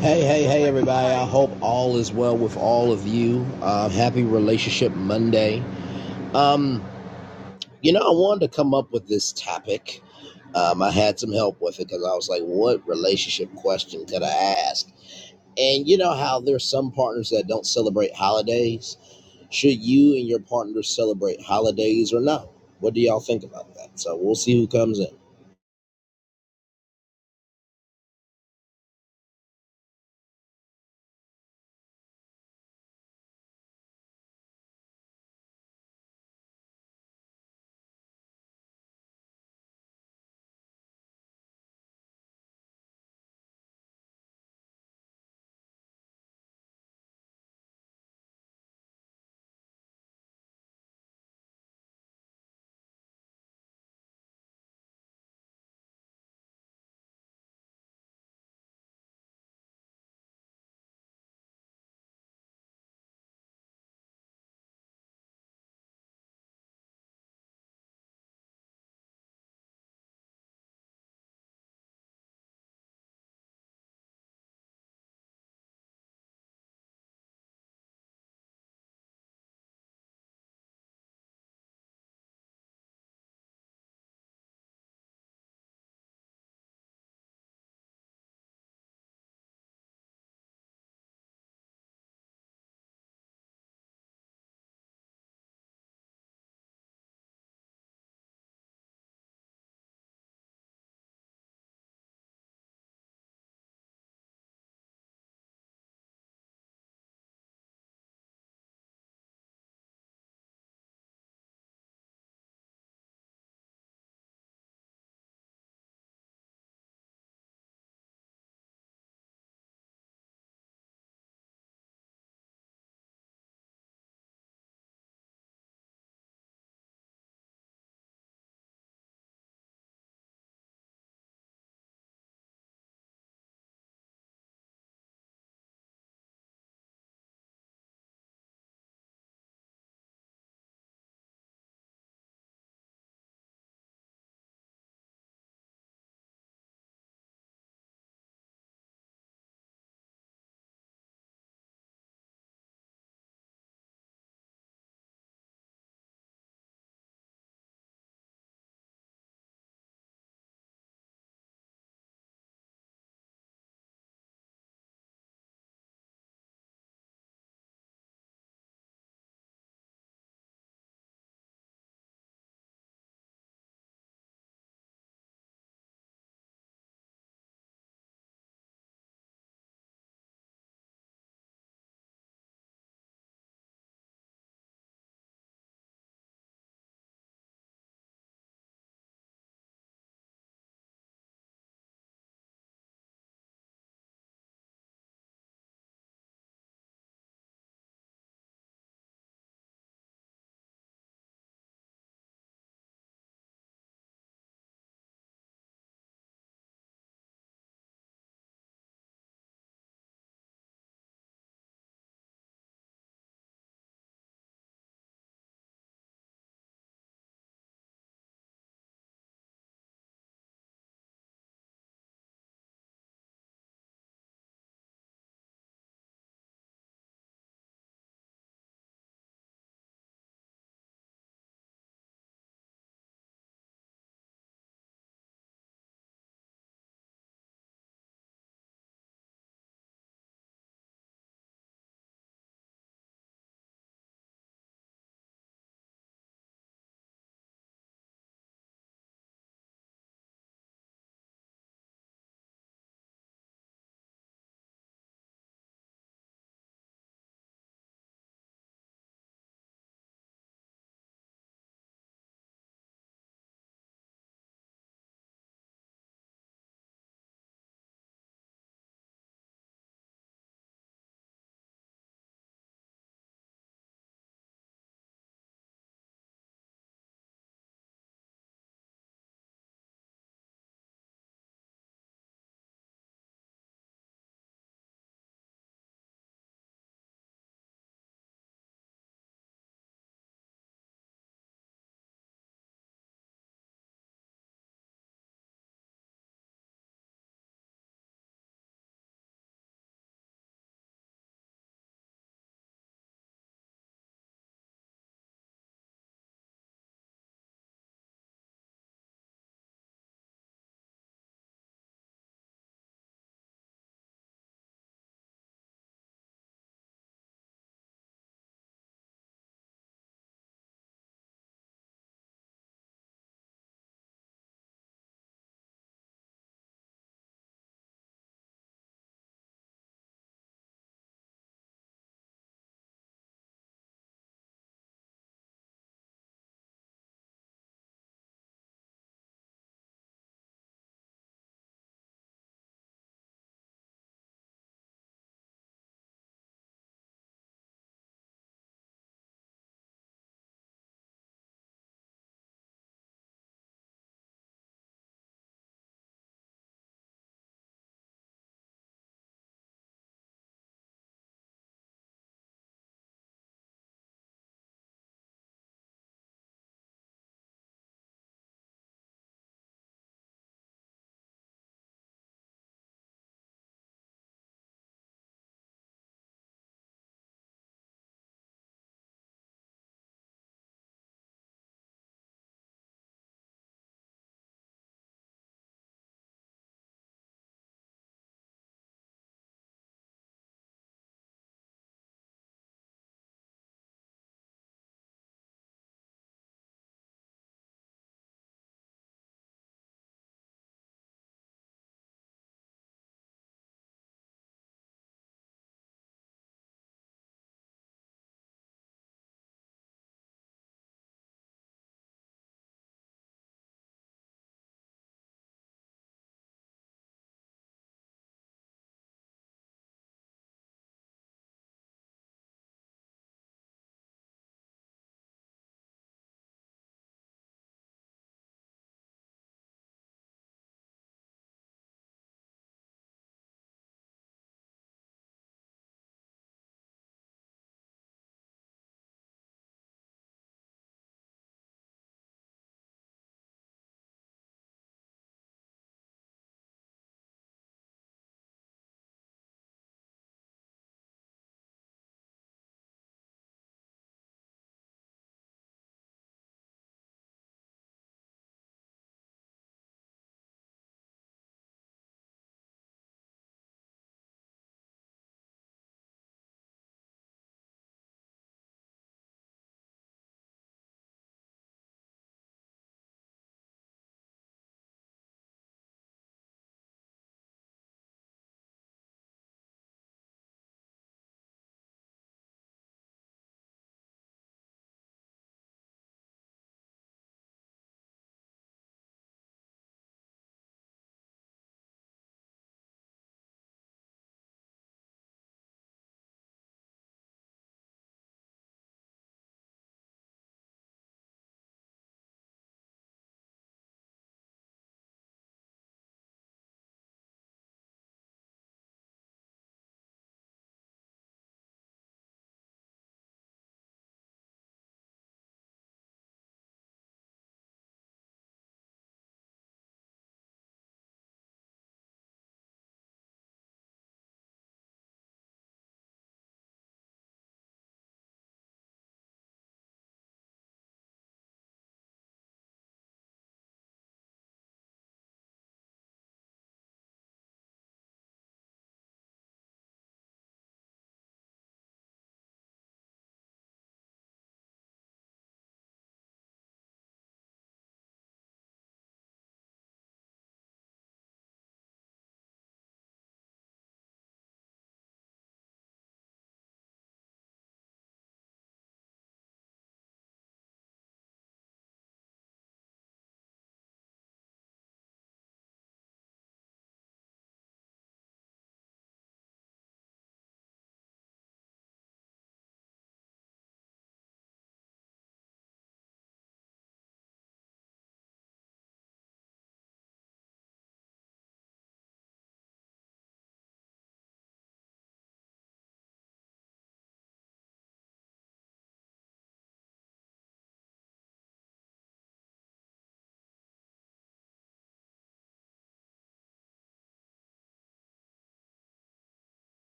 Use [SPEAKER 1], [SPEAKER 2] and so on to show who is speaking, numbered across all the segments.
[SPEAKER 1] Hey, hey, hey, everybody. I hope all is well with all of you. Uh, happy Relationship Monday. Um, you know, I wanted to come up with this topic. Um, I had some help with it because I was like, what relationship question could I ask? And you know how there's some partners that don't celebrate holidays? Should you and your partner celebrate holidays or not? What do y'all think about that? So we'll see who comes in.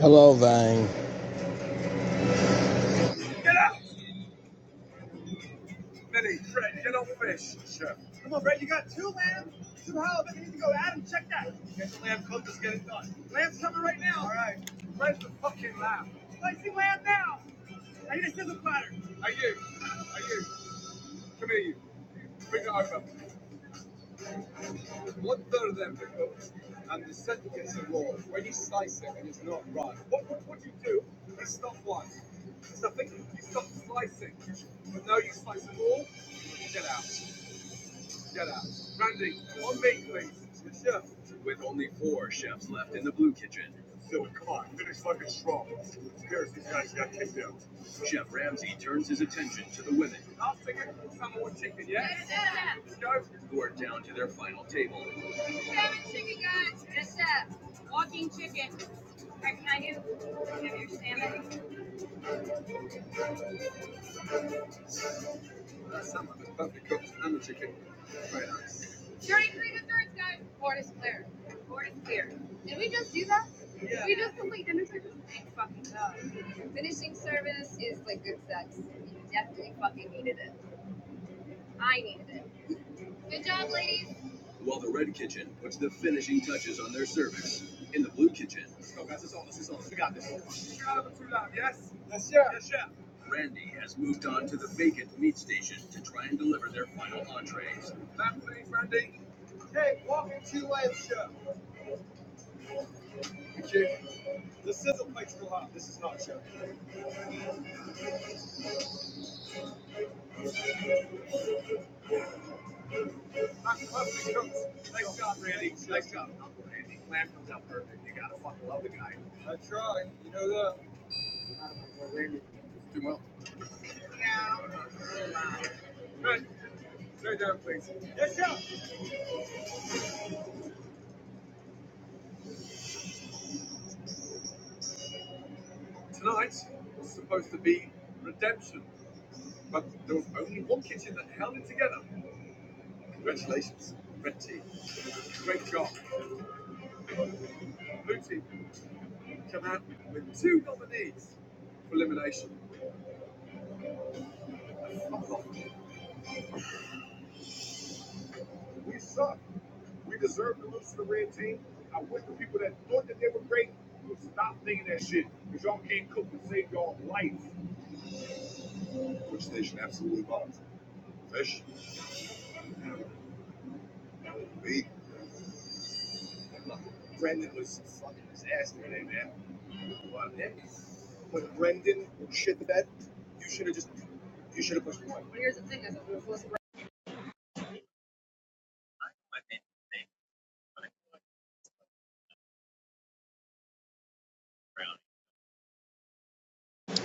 [SPEAKER 1] Hello, Vang.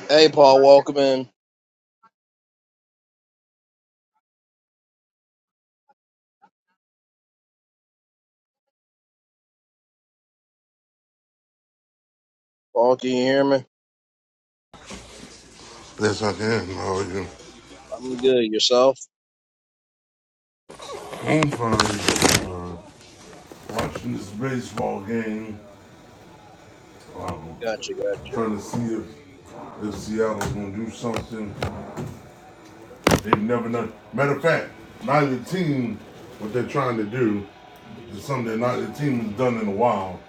[SPEAKER 1] Hey, Paul, welcome in. Paul, can you hear me?
[SPEAKER 2] Yes, I can. How are you?
[SPEAKER 1] I'm good. Yourself?
[SPEAKER 2] I'm fine. Watching this baseball game, trying to see if, if Seattle's going to do something. They've never done. Matter of fact, neither team, what they're trying to do, is something that neither team has done in a while.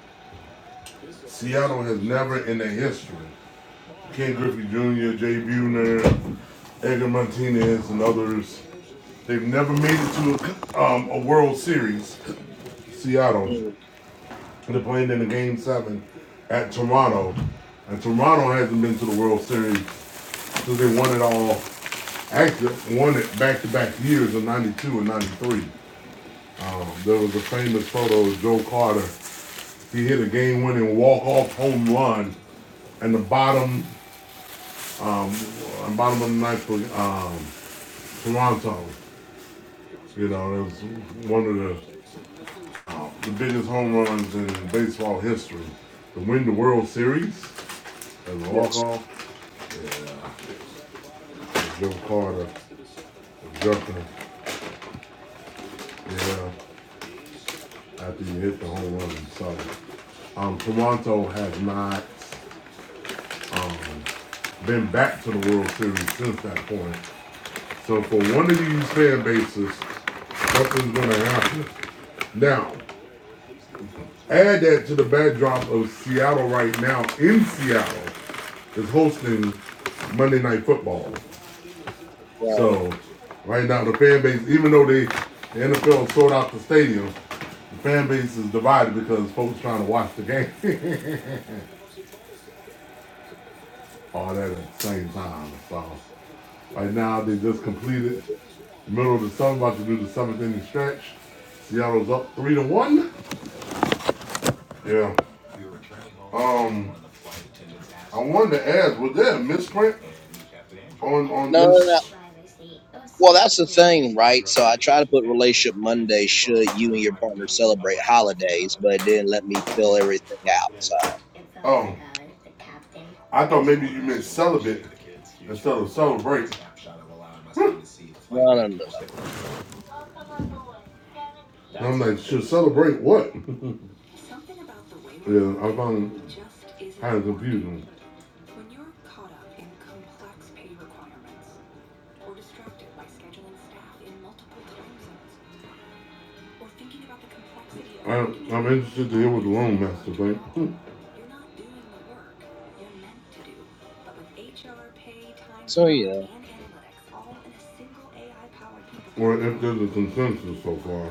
[SPEAKER 2] Seattle has never in their history. Ken Griffey Jr., Jay Buhner, Edgar Martinez, and others. They've never made it to a, um, a World Series. Seattle. They're playing in the game seven at Toronto, and Toronto hasn't been to the World Series since they won it all. Actually, won it back to back years in '92 and '93. There was a famous photo of Joe Carter. He hit a game winning walk off home run in the bottom, uh, bottom of the ninth for um, Toronto. You know, it was one of the, the biggest home runs in baseball history. To win the World Series as a walk off Joe Carter jumper. Yeah, after you hit the home run, so Um, Toronto has not been back to the World Series since that point. So for one of these fan bases, something's going to happen. Now, add that to the backdrop of Seattle right now in Seattle is hosting Monday Night Football. So right now the fan base, even though they the NFL sold out the stadium, the fan base is divided because folks trying to watch the game. All that at the same time. So right now they just completed the middle of the summer, about to do the seventh inning stretch. Seattle's up three to one. Yeah. Um I wanted to ask, was there a misprint on on
[SPEAKER 1] No, no, no.
[SPEAKER 2] this
[SPEAKER 1] Well, that's the thing, right? So I try to put relationship Monday should you and your partner celebrate holidays, but it didn't let me fill everything out. So
[SPEAKER 2] Oh. Like, uh, I thought maybe you meant celibate instead of celebrate.
[SPEAKER 1] no, no, no, no.
[SPEAKER 2] And I'm like, should celebrate what? Yeah, I found kind of confusing. I, I'm interested to hear what the loan master think. Hmm.
[SPEAKER 1] So yeah,
[SPEAKER 2] Or if there's a consensus so far.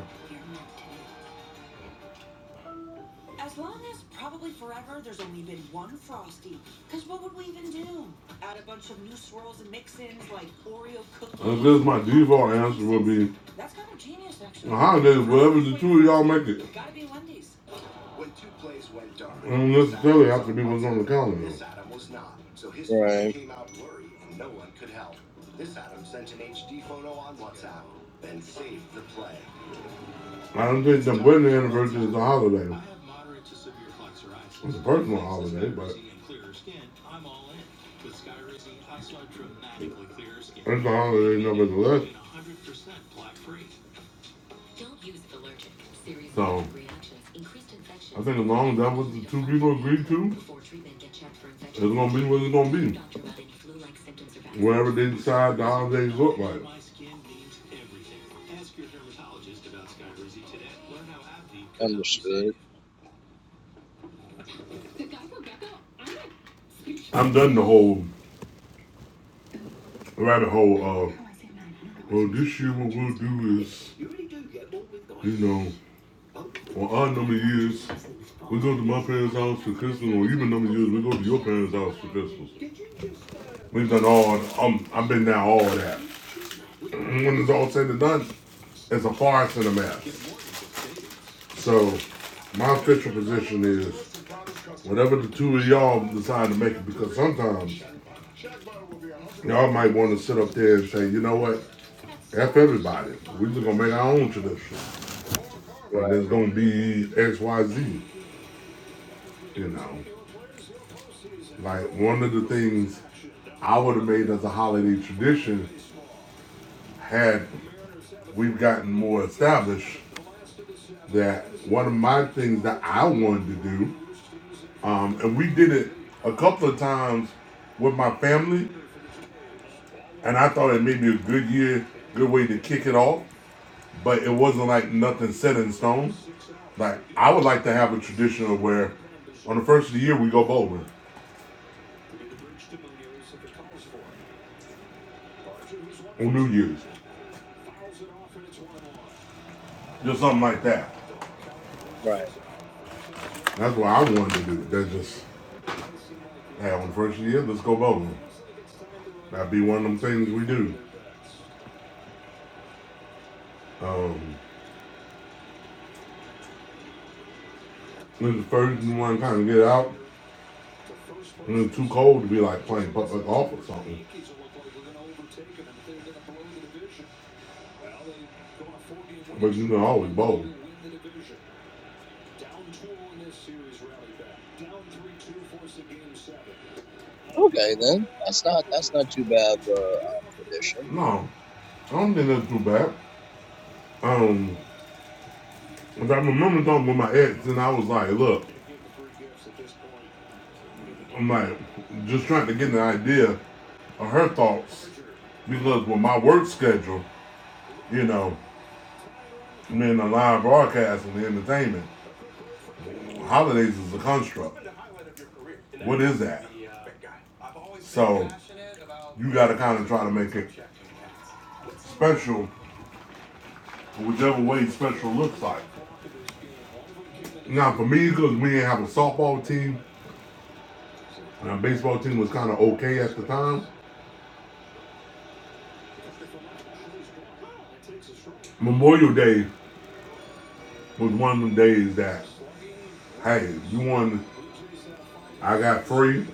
[SPEAKER 2] guess make it.
[SPEAKER 1] right,
[SPEAKER 2] I don't think the wedding anniversary is a holiday. It's a personal holiday, but it's a holiday nevertheless. So, I think as long as that was the two people agreed to, it's gonna be what it's gonna be. Wherever they decide the holidays look like.
[SPEAKER 1] understood,
[SPEAKER 2] I'm done the whole rabbit hole of well this year what we'll do is you know, on our number of years, we go to my parents' house for Christmas, or even number of years, we go to your parents' house for Christmas. We've done all. Um, I've been down all of that. When it's all said and done, it's a farce and a mess. So, my official position is whatever the two of y'all decide to make it, because sometimes y'all might want to sit up there and say, you know what, F everybody. We're just going to make our own tradition. And
[SPEAKER 1] right,
[SPEAKER 2] there's going to be X, Y, Z, you know. Like, one of the things I would have made as a holiday tradition had we've gotten more established that one of my things that I wanted to do, um, and we did it a couple of times with my family, and I thought it may be a good year, good way to kick it off, but it wasn't like nothing set in stone. Like I would like to have a tradition of where on the first of the year we go bowling on New Year's. Just something like that.
[SPEAKER 1] right.
[SPEAKER 2] That's what I wanted to do. That's just hey, on the first of the year, let's go bowling. That'd be one of them things we do. Um when the first one kind of get out. When it was too cold to be like playing putt putt golf or something. But you can always bowl.
[SPEAKER 1] Okay, then that's not that's not too bad of a um, tradition,
[SPEAKER 2] No, I don't think that's too bad. Um, if I remember talking with my ex, and I was like, look, I'm like, just trying to get an idea of her thoughts because with my work schedule, you know, I'm in the live broadcast and the entertainment. Holidays is a construct. What is that? So you got to kind of try to make it special, whichever way special looks like. Now for me, because we didn't have a softball team, and our baseball team was kind of okay at the time. Memorial Day was one of the days that, hey, you want, I got free.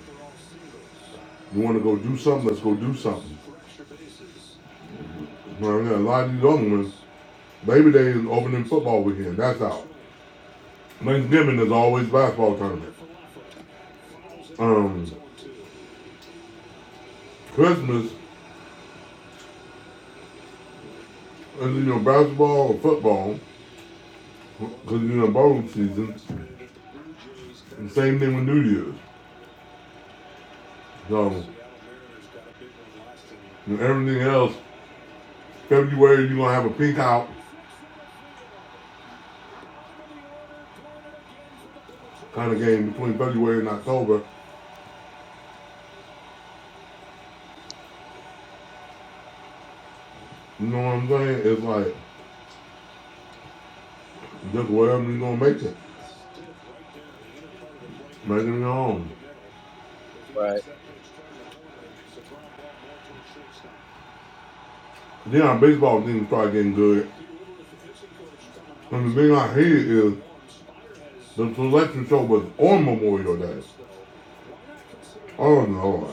[SPEAKER 2] You want to go do something? Let's go do something. You know what I mean? A lot of these other ones, Labor Day is opening football weekend. That's out. Thanksgiving is always basketball tournament. um, Christmas as you know basketball or football because you know bowl season. And same thing with New Year's. So you know, everything else, February you're gonna have a pink out kind of game between February and October. You know what I'm saying? It's like just wherever you're gonna make it, make it your own.
[SPEAKER 1] right?
[SPEAKER 2] Then our baseball team started getting good. And the thing I hear is the selection show was on Memorial Day. Oh Lord.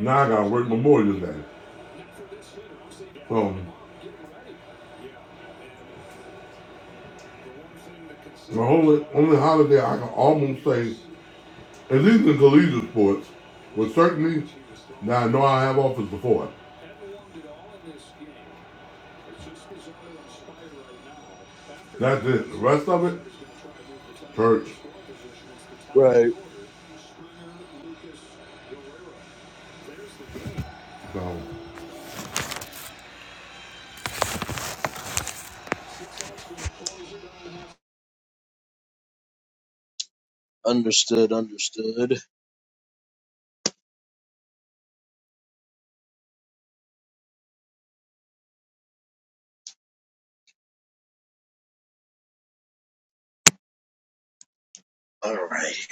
[SPEAKER 2] Now I gotta work Memorial Day. So The only only holiday I can almost say, at least in collegiate sports, was certainly. that I know I have office before. That's it. The rest of it, church.
[SPEAKER 1] Right.
[SPEAKER 2] So
[SPEAKER 1] Understood, understood. All right.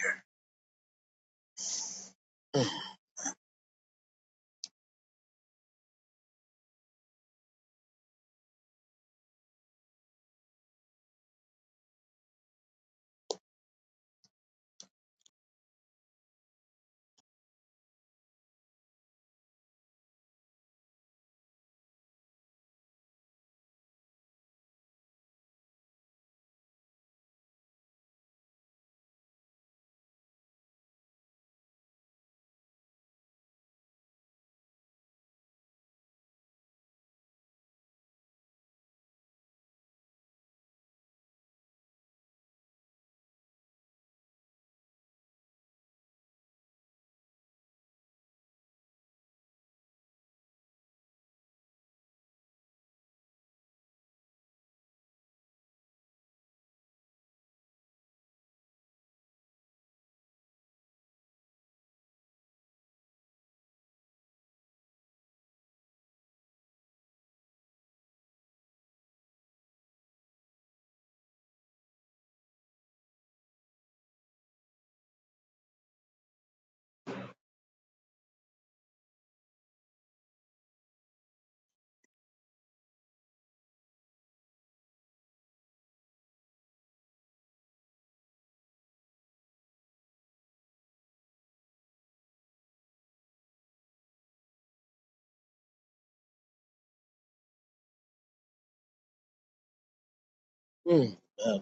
[SPEAKER 1] Hmm. Uh,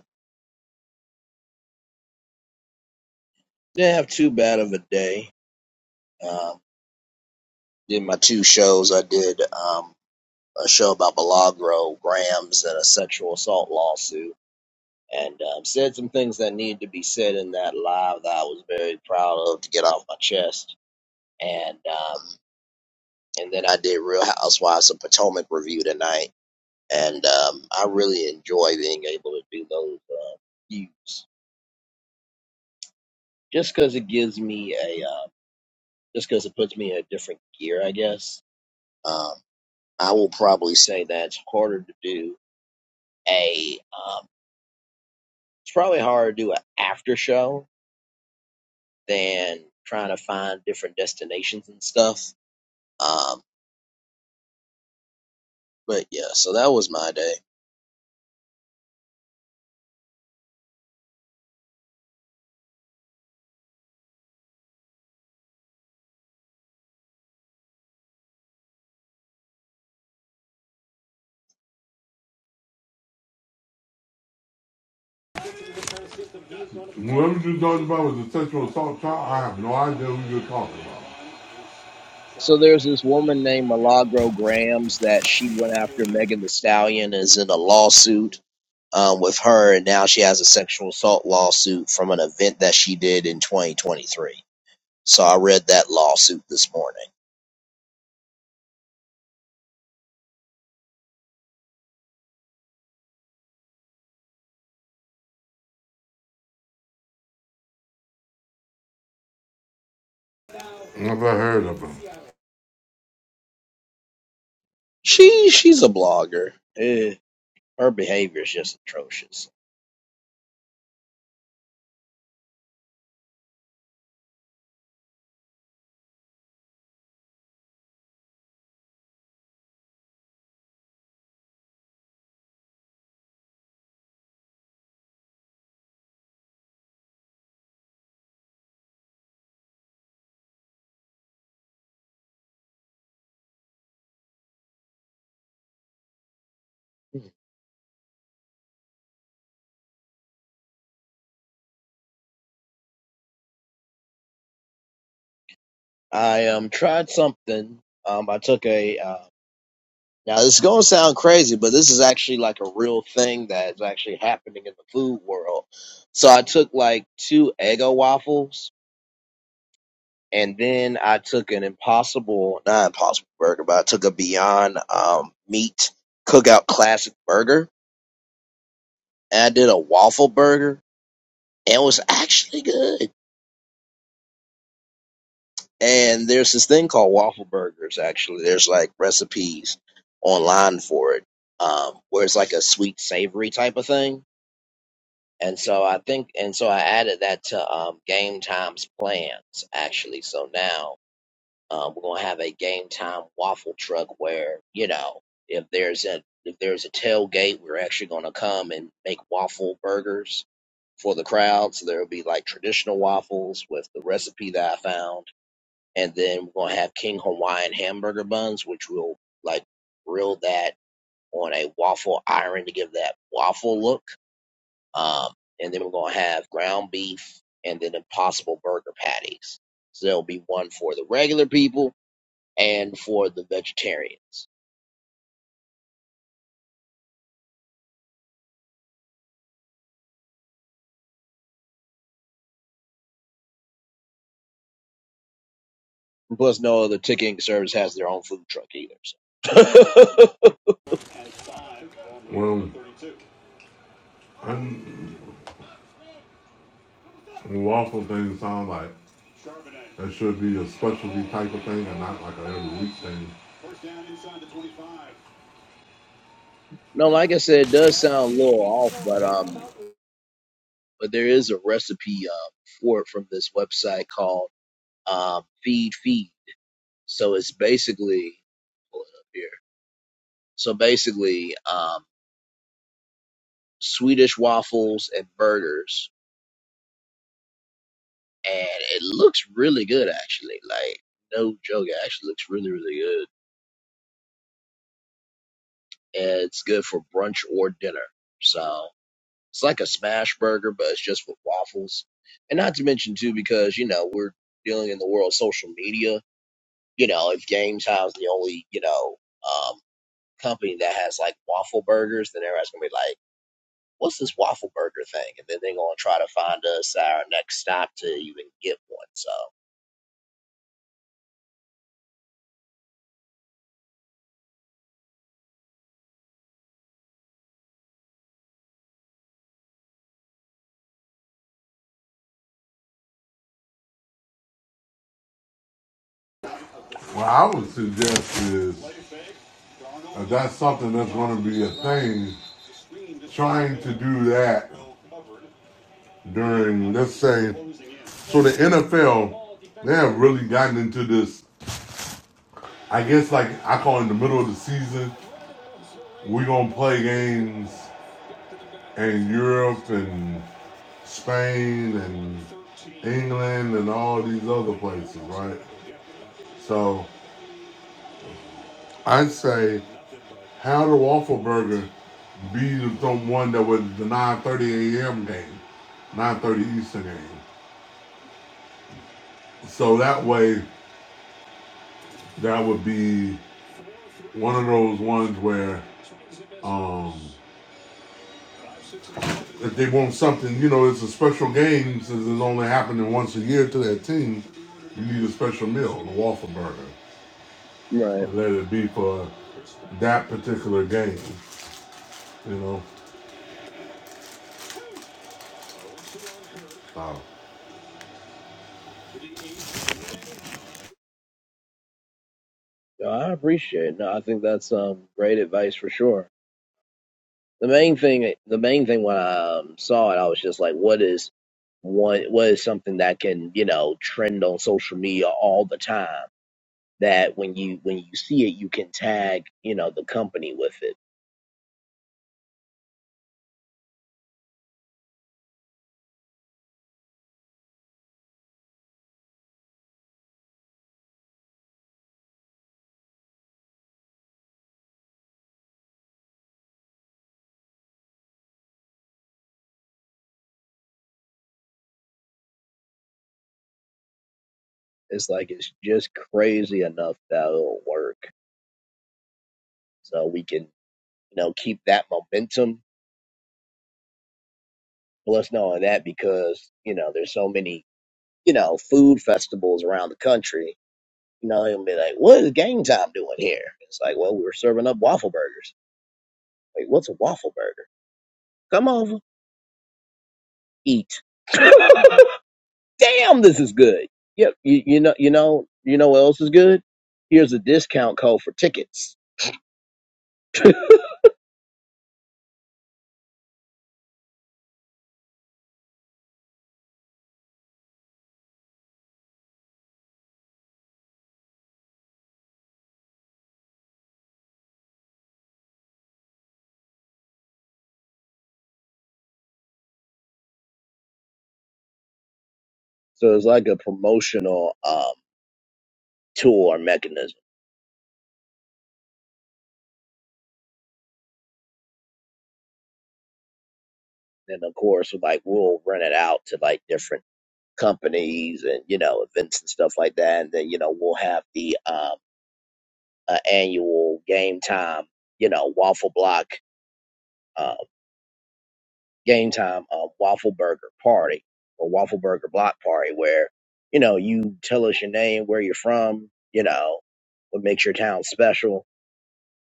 [SPEAKER 1] didn't have too bad of a day. Um, did my two shows. I did um a show about Milagro Grams and a sexual assault lawsuit and um, said some things that needed to be said in that live that I was very proud of to get off my chest. And um, and then I did Real Housewives of Potomac review tonight, and um, I really enjoy being able to do those uh, views just because it gives me a uh, just because it puts me in a different gear, I guess. Um, I will probably say that it's harder to do a um, it's probably harder to do an after show than trying to find different destinations and stuff Um, but yeah, so that was my day.
[SPEAKER 2] whoever you talking about with the sexual assault trial, I have no idea who you're talking about.
[SPEAKER 1] So there's this woman named Milagro Grams that she went after Megan the Stallion is in a lawsuit um, with her, and now she has a sexual assault lawsuit from an event that she did in 2023. So I read that lawsuit this morning.
[SPEAKER 2] Never heard of them.
[SPEAKER 1] She she's a blogger. Eh, her behavior is just atrocious. I um tried something. Um, I took a uh, Now, this is going to sound crazy, but this is actually like a real thing that is actually happening in the food world. So I took like two Eggo waffles, and then I took an Impossible, not Impossible burger, but I took a Beyond um, Meat Cookout Classic burger, and I did a waffle burger, and it was actually good. And there's this thing called waffle burgers. Actually, there's like recipes online for it, um, where it's like a sweet savory type of thing And so I think, and so I added that to um, game times plans actually. So now um, we're gonna have a game time waffle truck where you know if there's a if there's a tailgate, we're actually gonna come and make waffle burgers for the crowd. So there'll be like traditional waffles with the recipe that I found, and then we're gonna have King Hawaiian hamburger buns, which we'll like grill that on a waffle iron to give that waffle look um, and then we're going to have ground beef and then impossible burger patties. So there'll be one for the regular people and for the vegetarians. Plus, no other ticketing service has their own food truck either. So.
[SPEAKER 2] Well, lawful things sound like that should be a specialty type of thing and not like an every week thing.
[SPEAKER 1] no, like I said, it does sound a little off, but um, but there is a recipe uh, for it from this website called um, Feed Feed. So it's basically pull it up here. So basically, um, Swedish waffles and burgers and it looks really good actually. Like no joke, it actually looks really really good, and it's good for brunch or dinner. So it's like a smash burger, but it's just with waffles. And not to mention too, because you know we're dealing in the world of social media. You know, if Games House the only you know um, company that has like waffle burgers, then everybody's gonna be like, "What's this waffle burger thing?" And then they're gonna try to find us our next stop to even get one. So.
[SPEAKER 2] What I would suggest is if that's something that's going to be a thing, trying to do that during, let's say, so the NFL, they have really gotten into this. I guess, like I call it the middle of the season, we're gonna play games in Europe and Spain and England and all these other places, right? So I'd say, how the Waffle Burger be the one that was the 9:30 a.m. game, 9:30 Eastern game. So that way, that would be one of those ones where um, if they want something, you know, it's a special game since it's only happening once a year to their team. You need a special meal, a waffle burger,
[SPEAKER 1] right.
[SPEAKER 2] let it be for that particular game, you know. So,
[SPEAKER 1] No, I appreciate it. No, I think that's um great advice for sure. The main thing, the main thing when I um, saw it, I was just like, what is one, what is something that can you know trend on social media all the time? That when you when you see it, you can tag you know the company with it. It's like it's just crazy enough that it'll work. So we can you know keep that momentum. Plus, knowing that because you know there's so many you know food festivals around the country You know, he'll be like, "What is game time doing here?" It's like, "Well, we were serving up waffle burgers." Wait, what's a waffle burger? Come over, eat. Damn, this is good. Yep, you, you know, you know, you know what else is good? Here's a discount code for tickets. So it's like a promotional um, tool or mechanism, and of course, like we'll rent it out to like different companies and you know events and stuff like that, and then you know we'll have the um, uh, annual game time, you know, waffle block uh, game time um, waffle burger party or waffle burger block party where you know you tell us your name where you're from you know what makes your town special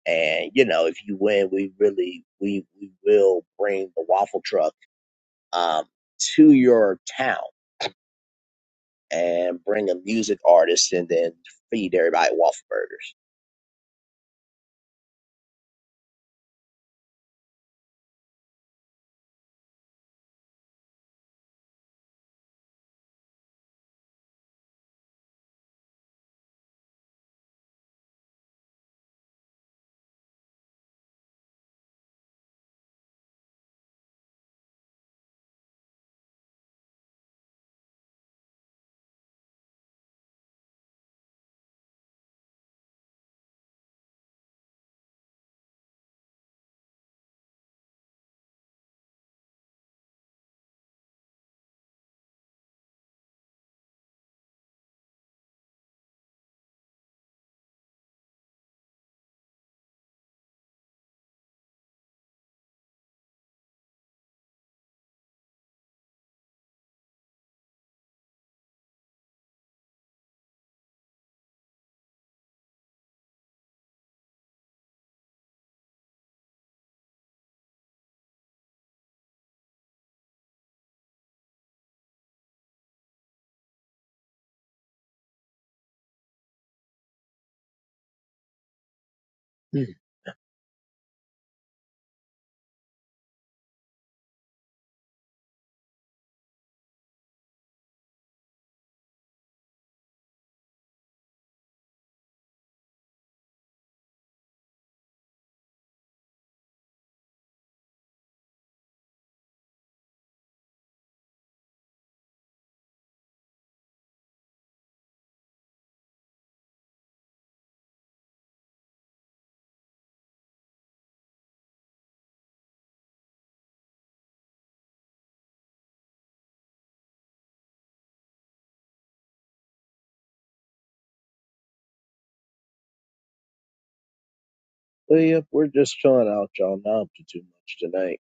[SPEAKER 1] and you know if you win we really we we will bring the waffle truck um to your town and bring a music artist and then feed everybody waffle burgers Hmm. well yep we're just chilling out y'all not up to too much tonight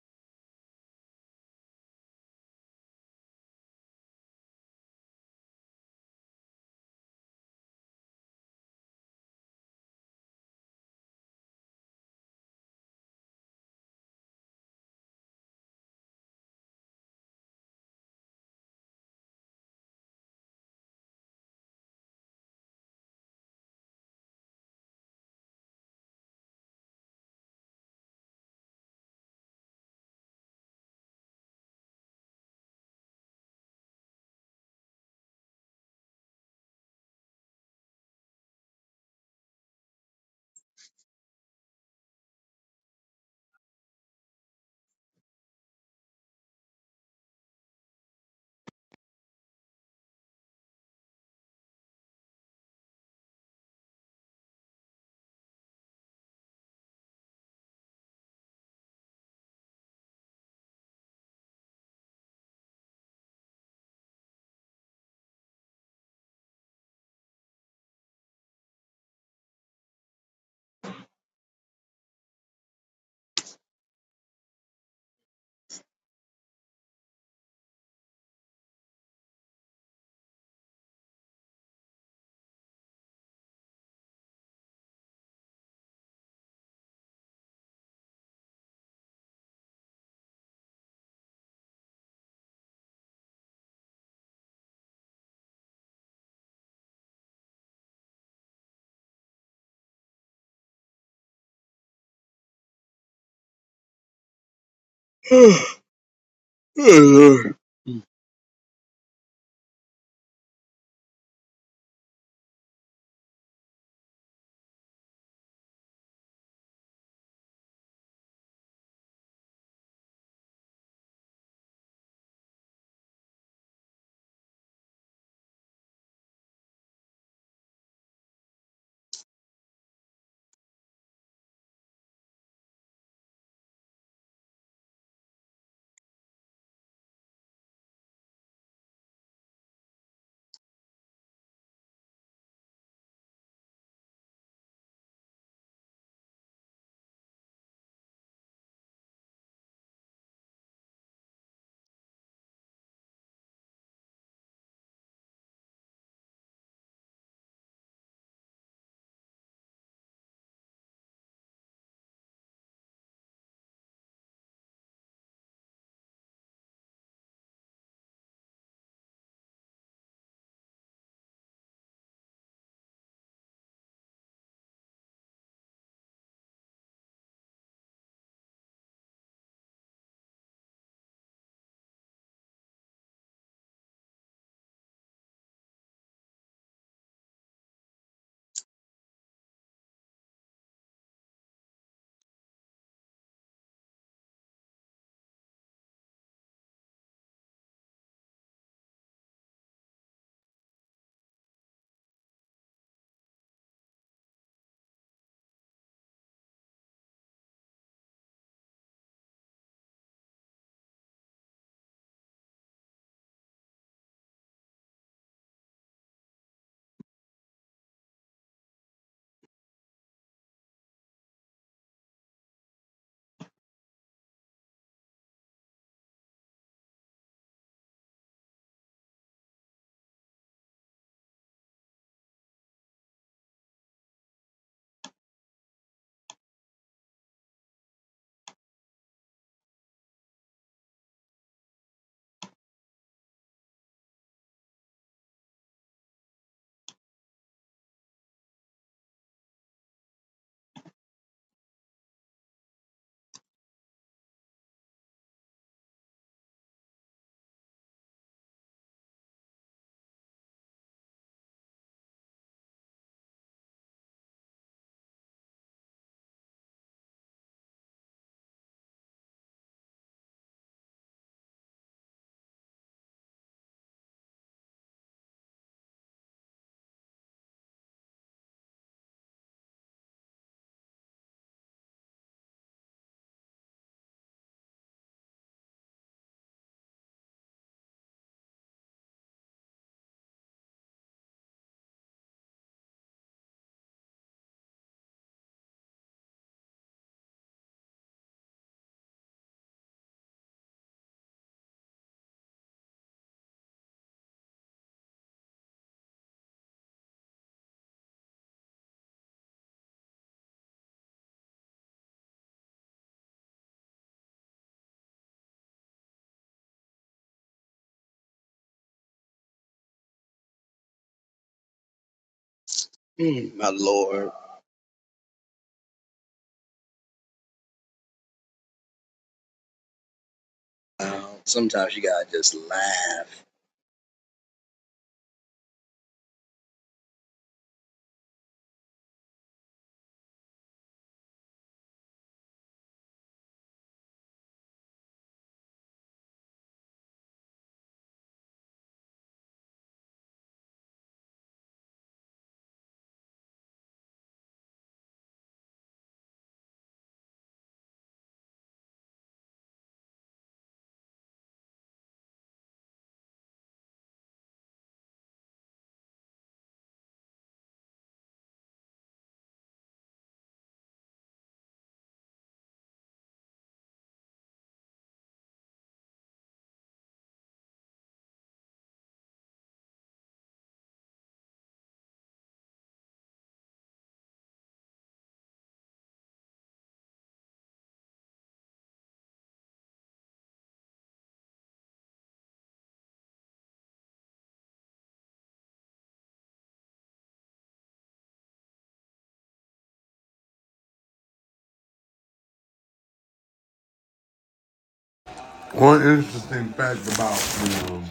[SPEAKER 2] one interesting fact about um,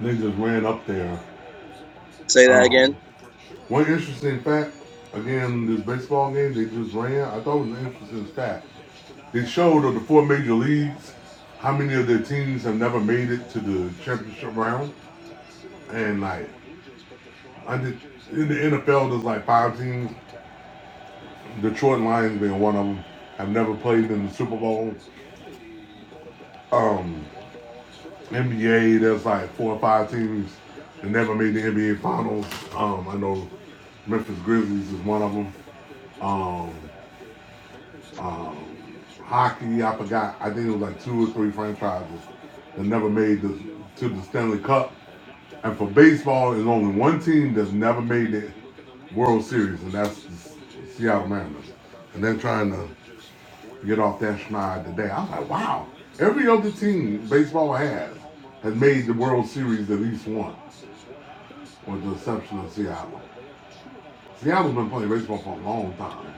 [SPEAKER 2] niggas ran up there.
[SPEAKER 1] Say that
[SPEAKER 2] Um,
[SPEAKER 1] again.
[SPEAKER 2] One interesting fact, again, this baseball game they just ran, I thought it was an interesting fact. They showed of the four major leagues how many of their teams have never made it to the championship round, and like under in the NFL, there's like five teams. Detroit Lions being one of them have never played in the Super Bowl. NBA, there's like four or five teams that never made the NBA Finals. Um, I know Memphis Grizzlies is one of them. Um, hockey. I forgot. I think it was like two or three franchises that never made this to the Stanley Cup. And for baseball, there's only one team that's never made the World Series, and that's the S- Seattle Mariners. And they're trying to get off that schneid today. I was like, wow. Every other team baseball has has made the World Series at least once, with the exception of Seattle. Seattle's been playing baseball for a long time,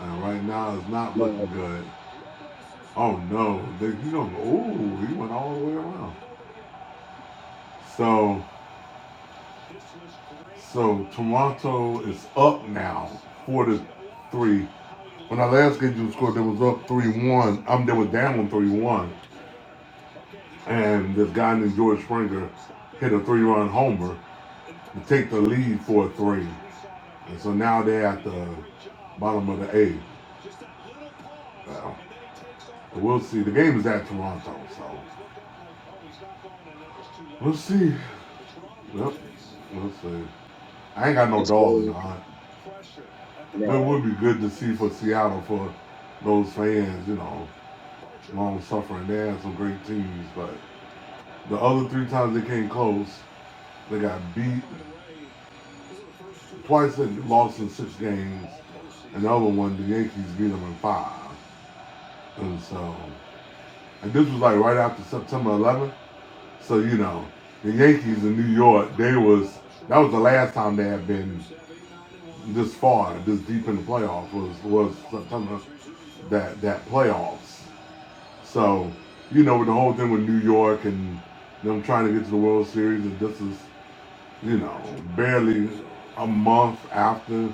[SPEAKER 2] and right now it's not looking
[SPEAKER 1] No,
[SPEAKER 2] good. Oh no, they, you don't. Oh, he went all the way around. So, so Toronto is up now, four to three. When I last game you scored, they was up three one. I'm um, they were down three one, and this guy named George Springer hit a three run homer to take the lead for a three, and so now they're at the bottom of the eighth. Well, we'll see. The game is at Toronto, so we'll see. Yep, we'll see. I ain't got no dog in the hunt. But it would be good to see for Seattle for those fans, you know, long suffering. They had some great teams, but the other three times they came close, they got beat. Twice they lost in six games, and the other one, the Yankees beat them in five. And so, and this was like right after September 11th. So you know, the Yankees in New York, they was that was the last time they had been this far, this deep in the playoffs was was September that that playoffs. So, you know, with the whole thing with New York and them trying to get to the World Series, and this is, you know, barely a month after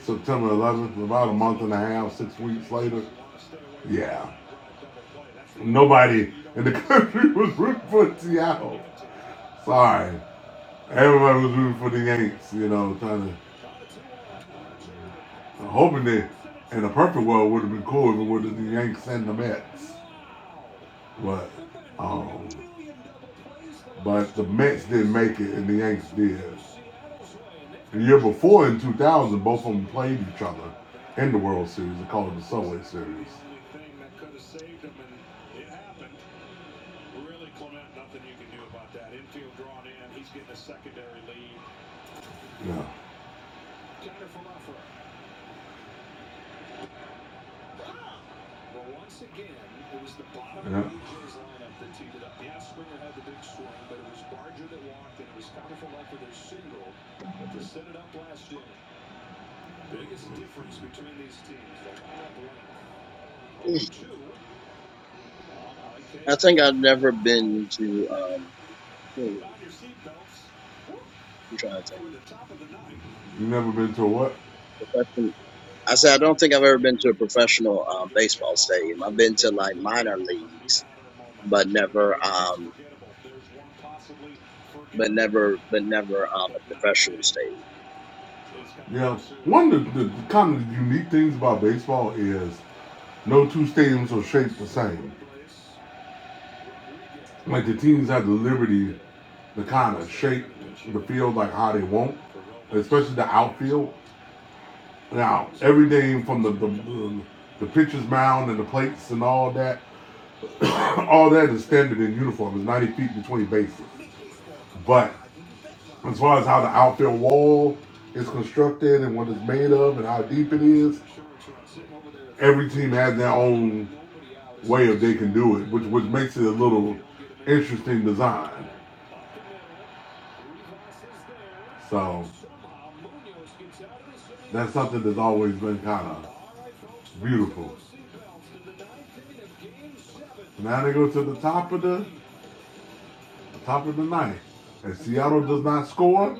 [SPEAKER 2] September 11th, about a month and a half, six weeks later. Yeah, nobody in the country was rooting for Seattle. Sorry, everybody was rooting for the Yanks. You know, trying to hoping that in a perfect world would have been cool if it would have been the Yanks and the Mets, but. Um, But the Mets didn't make it, and the Yankees did. The year before, in 2000, both of them played each other in the World Series. They called it the Subway Series. Yeah. Yeah.
[SPEAKER 1] I've never been to um. I'm trying to think.
[SPEAKER 2] You never been to a what?
[SPEAKER 1] professional. I said I don't think I've ever been to a professional um, baseball stadium. I've been to like minor leagues, but never, um, but never, but never um, a professional stadium.
[SPEAKER 2] Yeah. One of the, the kind of unique things about baseball is no two stadiums are shaped the same. Like the teams have the liberty to kind of shape the field like how they want, especially the outfield. Now, everything from the the, the, the pitcher's mound and the plates and all that, all that is standard in uniform. It's 90 feet between bases. But as far as how the outfield wall is constructed and what it's made of and how deep it is, every team has their own way of they can do it, which which makes it a little interesting design. So That's something that's always been kind of beautiful. Now they go to the top of the top of the ninth, and Seattle does not score.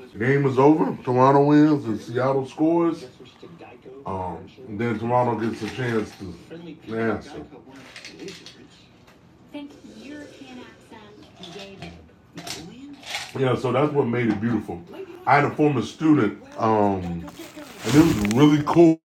[SPEAKER 2] The Game is over. Toronto wins, and Seattle scores. Um, then Toronto gets a chance to answer. Yeah, so that's what made it beautiful. I had a former student, um, and it was really cool.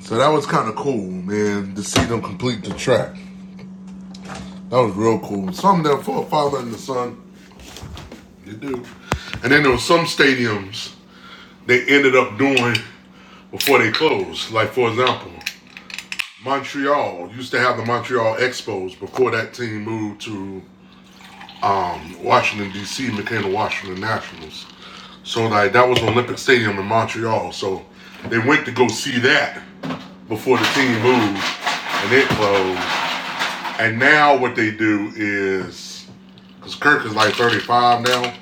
[SPEAKER 2] So that was kind of cool, man, to see them complete the track. That was real cool. Something there for a father and the son. You do. And then there were some stadiums they ended up doing before they closed. Like for example, Montreal used to have the Montreal Expos before that team moved to Washington D.C. and became the Washington Nationals. So like that was Olympic Stadium in Montreal. So they went to go see that before the team
[SPEAKER 1] Right.
[SPEAKER 2] moved and it closed. And now what they do is because Kirk is like 35 now.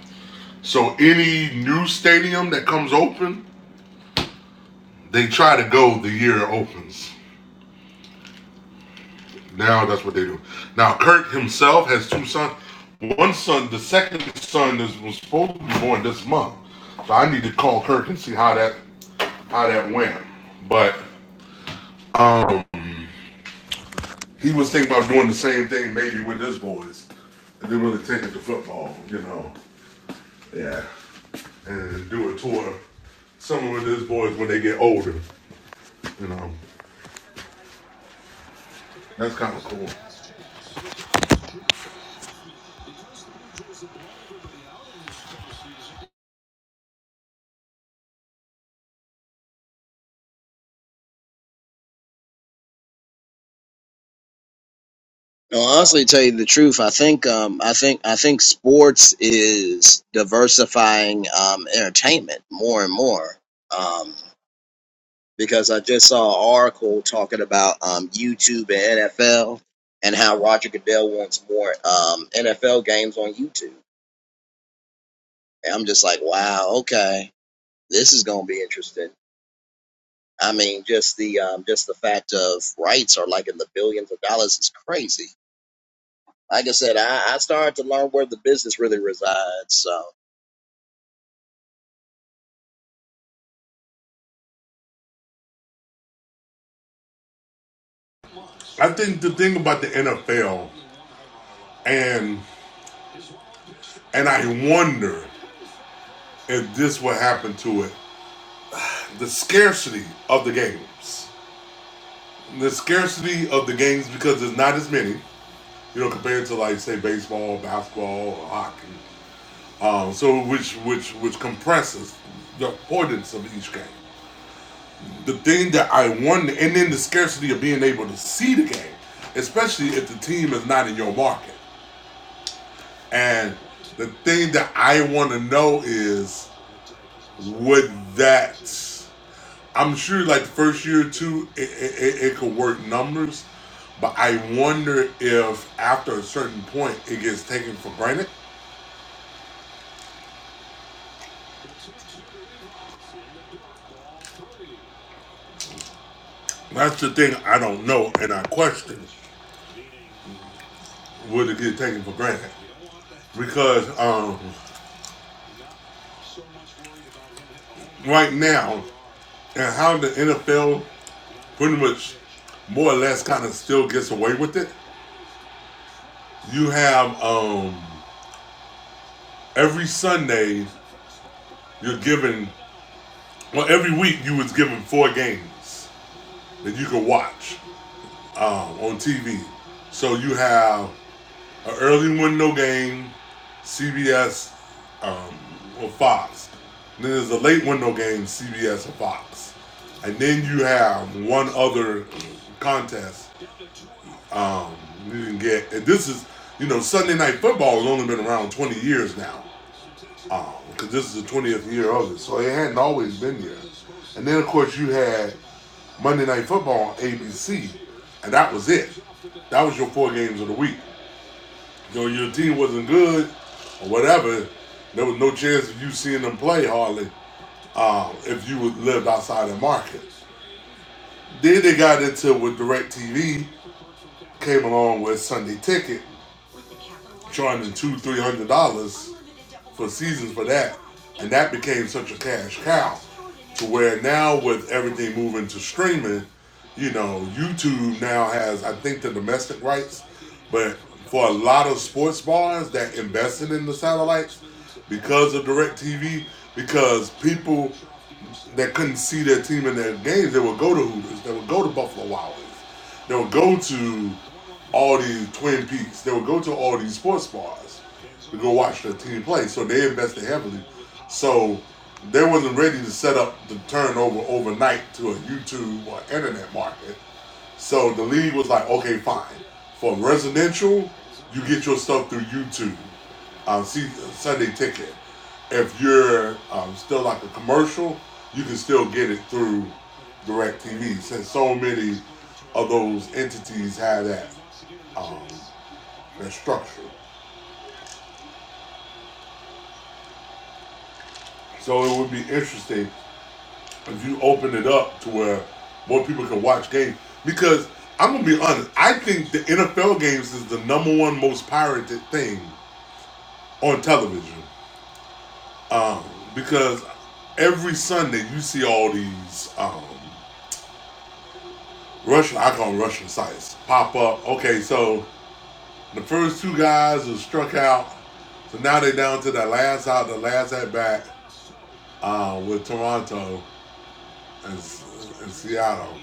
[SPEAKER 2] So any new stadium that comes open, they try to go the year it opens. Now that's what they do. Now Kirk himself has two sons. One son, the second son, is was supposed to be born this month. So I need to call Kirk and see how that how that went. But um, he was thinking about doing the same thing maybe with his boys. And then really take it to football, you know. Yeah. And do a tour some of his boys when they get older, you know. That's kind of cool.
[SPEAKER 1] No, honestly, tell you the truth, I think, um, I think, I think sports is diversifying um, entertainment more and more. Um, because I just saw an article talking about um, YouTube and NFL and how Roger Goodell wants more um, NFL games on YouTube. And I'm just like, wow, okay, this is going to be interesting. I mean, just the um, just the fact of rights are like in the billions of dollars is crazy. Like I said, I, I started to learn where the business really resides. So
[SPEAKER 2] I think the thing about the NFL and and I wonder if this would happen to it. The scarcity of the games. The scarcity of the games because there's not as many, you know, compared to like say baseball, basketball, or hockey. Um, so which which which compresses the importance of each game. The thing that I wonder and then the scarcity of being able to see the game, especially if the team is not in your market. And the thing that I want to know is, would that? I'm sure, like the first year or two, it, it, it, could work numbers, but I wonder if after a certain point, it gets taken for granted. That's the thing I don't know, and I question: Would it get taken for granted? Because um, right now, and how the NFL pretty much more or less kind of still gets away with it. You have um every Sunday you're given, well, every week you was given four games that you could watch um, on TV. So you have an early window game, CBS um, or Fox. And then there's a late window game, CBS or Fox. And then you have one other contest um, you can get. And this is, you know, Sunday Night Football has only been around 20 years now. Um, because this is the 20th year of it, so it hadn't always been there. And then, of course, you had Monday Night Football on ABC, and that was it. That was your four games of the week. So your team wasn't good or whatever. There was no chance of you seeing them play hardly um, if you lived outside the market. Then they got into with Direct TV, came along with Sunday Ticket, charging two, three hundred dollars for seasons for that, and that became such a cash cow to where now with everything moving to streaming, you know, YouTube now has I think the domestic rights, but for a lot of sports bars that invested in the satellites because of direct TV, because people that couldn't see their team in their games, they would go to Hooters, they would go to Buffalo Wild Wings, they would go to all these Twin Peaks. They would go to all these sports bars to go watch their team play. So they invested heavily. So they wasn't ready to set up the turnover overnight to a YouTube or internet market. So the league was like, okay, fine. For residential, you get your stuff through YouTube, um, see, Sunday Ticket. If you're um, still like a commercial, you can still get it through DirecTV since so many of those entities have that, um, that structure. So it would be interesting if you open it up to where more people can watch games. Because I'm gonna be honest, I think the NFL games is the number one most pirated thing on television um, because every Sunday you see all these um, Russian, I call them Russian sites, pop up. Okay, so the first two guys are struck out, so now they're down to that last out, the last at bat uh, with Toronto and, and Seattle.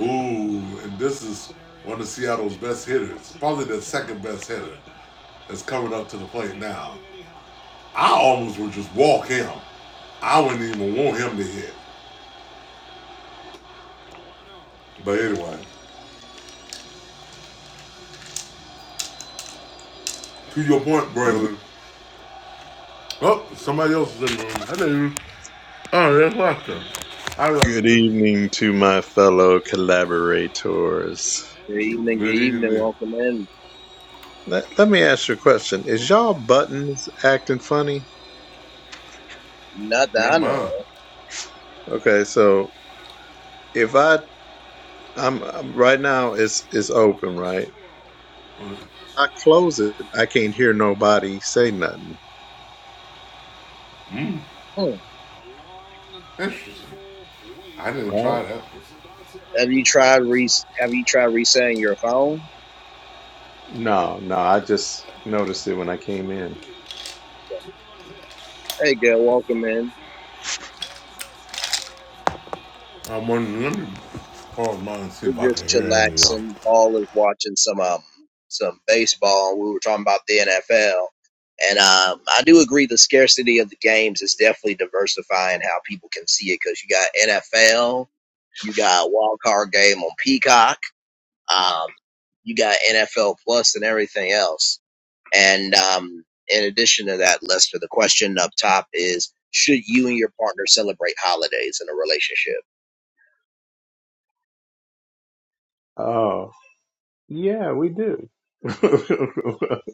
[SPEAKER 2] Ooh, and this is one of Seattle's best hitters, probably the second best hitter that's coming up to the plate now. I almost would just walk him. I wouldn't even want him to hit. But anyway, to your point,
[SPEAKER 3] Good,
[SPEAKER 2] Braylon. Oh, somebody else is in the room. I didn't. Oh, that's Lester. I
[SPEAKER 3] good
[SPEAKER 2] Lester.
[SPEAKER 3] evening to my fellow collaborators.
[SPEAKER 1] good evening, good
[SPEAKER 2] Good eating
[SPEAKER 1] evening,
[SPEAKER 2] there.
[SPEAKER 1] welcome in.
[SPEAKER 3] Let, let me ask you a question. Is y'all buttons acting funny?
[SPEAKER 1] Not that I
[SPEAKER 2] Not
[SPEAKER 1] know
[SPEAKER 2] mine.
[SPEAKER 1] of.
[SPEAKER 3] Okay, so if I I'm, I'm right now it's it's open, right? If I close it, I can't hear nobody say nothing,
[SPEAKER 1] Hmm.
[SPEAKER 2] Interesting. I didn't
[SPEAKER 3] right?
[SPEAKER 2] try that.
[SPEAKER 1] Have you tried re Have you tried resetting your phone?
[SPEAKER 3] No, no, I just noticed it when I came in.
[SPEAKER 1] Hey, good, welcome in.
[SPEAKER 2] I wonder, let me pause mine and see if I
[SPEAKER 1] We're just
[SPEAKER 2] can hear any of y'all.
[SPEAKER 1] chillaxing. Paul is watching some um some baseball. We were talking about the NFL, and um, I do agree the scarcity of the games is definitely diversifying how people can see it because you got NFL, you got a wild card game on Peacock, um, you got NFL Plus and everything else. And um, in addition to that, Lester, the question up top is: Should you and your partner celebrate holidays in a relationship?
[SPEAKER 3] Oh, yeah, we do.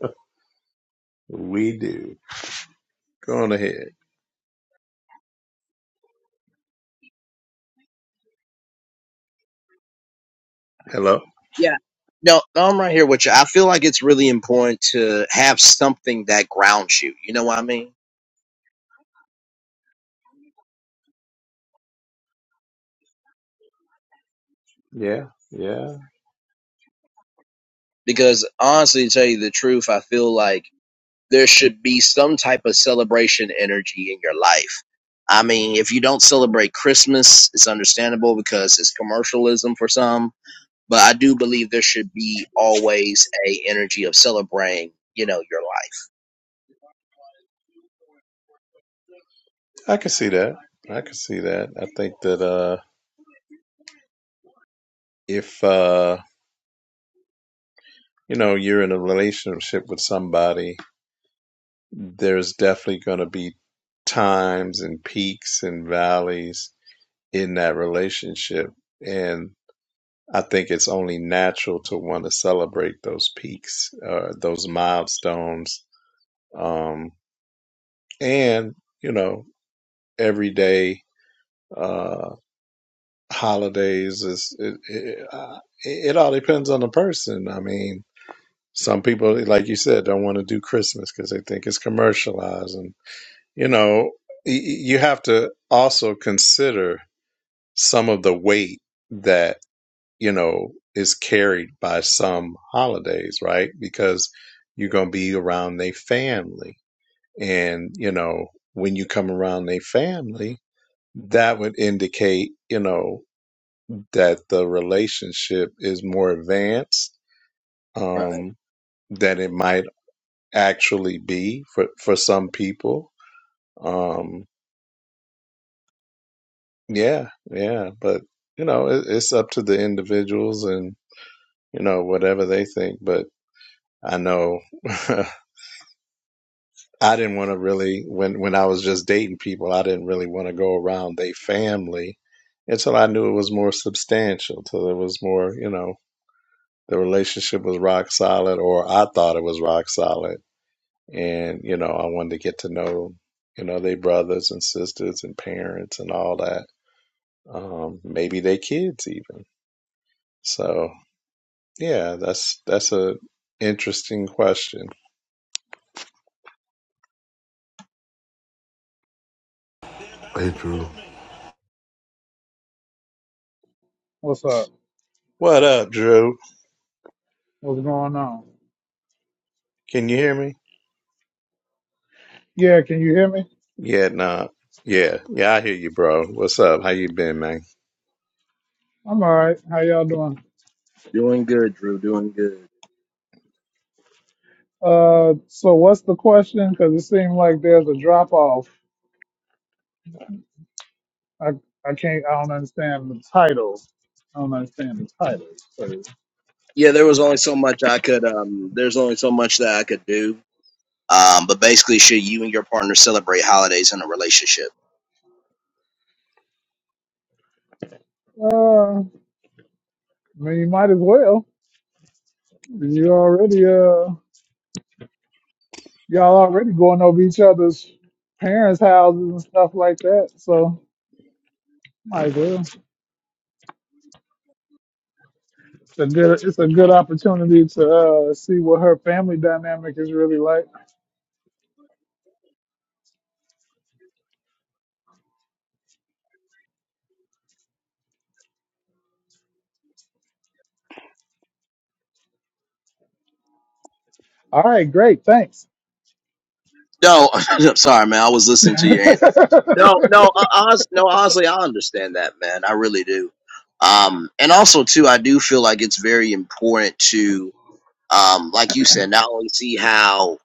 [SPEAKER 3] we do. Go on ahead. Hello?
[SPEAKER 1] No, no, I'm right here with you. I feel like it's really important to have something that grounds you. You know what I mean?
[SPEAKER 3] Yeah, yeah.
[SPEAKER 1] Because honestly, to tell you the truth, I feel like there should be some type of celebration energy in your life. I mean, if you don't celebrate Christmas, it's understandable because it's commercialism for some. But I do believe there should be always a energy of celebrating, you know, your life.
[SPEAKER 3] I can see that. I can see that. I think that uh, if uh, you know you're in a relationship with somebody, there's definitely going to be times and peaks and valleys in that relationship, and I think it's only natural to want to celebrate those peaks, uh, those milestones, um, and you know every day uh, holidays is it, it, uh, it it all depends on the person. I mean Some people, like you said, don't want to do Christmas because they think it's commercialized. And, you know, y- y- you have to also consider some of the weight that, you know, is carried by some holidays, right? Because you're going to be around their family. And, you know, when you come around their family, that would indicate, you know, that the relationship is more advanced.
[SPEAKER 1] Right.
[SPEAKER 3] Um, that it might actually be for for some people. Um, yeah, yeah, but you know, it, it's up to the individuals and you know whatever they think. But I know I didn't want to really when when I was just dating people, I didn't really want to go around their family until I knew it was more substantial, till it was more you know the relationship was rock solid, or I thought it was rock solid and you know i wanted to get to know you know their brothers and sisters and parents and all that um maybe their kids even so yeah that's that's a interesting question
[SPEAKER 2] Hey, true.
[SPEAKER 4] What's up?
[SPEAKER 3] what up drew
[SPEAKER 4] What's going on?
[SPEAKER 3] can you hear me
[SPEAKER 4] Yeah, can you hear me?
[SPEAKER 3] yeah nah yeah yeah i hear you bro what's up how you been man
[SPEAKER 4] I'm all right. How y'all doing?
[SPEAKER 1] Doing good, Drew. Doing good.
[SPEAKER 4] Uh, so what's the question? Because it seemed like there's a drop off. I I can't. I don't understand the title. I don't understand the title. So,
[SPEAKER 1] Yeah, there was only so much I could. Um, there's only so much that I could do Um, but basically, should you and your partner celebrate holidays in a relationship?
[SPEAKER 4] uh, I mean, you might as well. You already uh, y'all already going over each other's parents' houses and stuff like that. So might as well. It's a good. It's a good opportunity to uh, see what her family dynamic is really like. All right, great, thanks.
[SPEAKER 1] No, I'm sorry, man. I was listening to your
[SPEAKER 4] a
[SPEAKER 1] answer. No, no, uh, honest, no. Honestly, I understand that, man. I really do. Um, and also too, I do feel like it's very important to, um, like you said, not only see how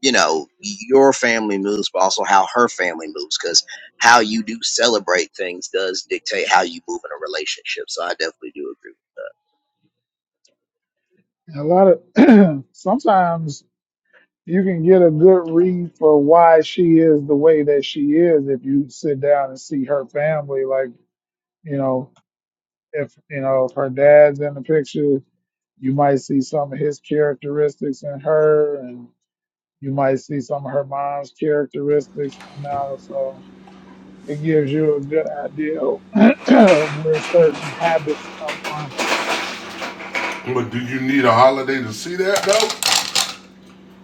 [SPEAKER 1] you know your family moves, but also how her family moves, because how you do celebrate things does dictate how you move in a relationship. So I definitely do agree.
[SPEAKER 4] lot of sometimes you can get a good read for why she is the way that she is if you sit down and see her family. Like, you know, if you know, if her dad's in the picture, you might see some of his characteristics in her and you might see some of her mom's characteristics come out. So it gives you a good idea of where certain habits come from.
[SPEAKER 2] But do you need a holiday to see that, though?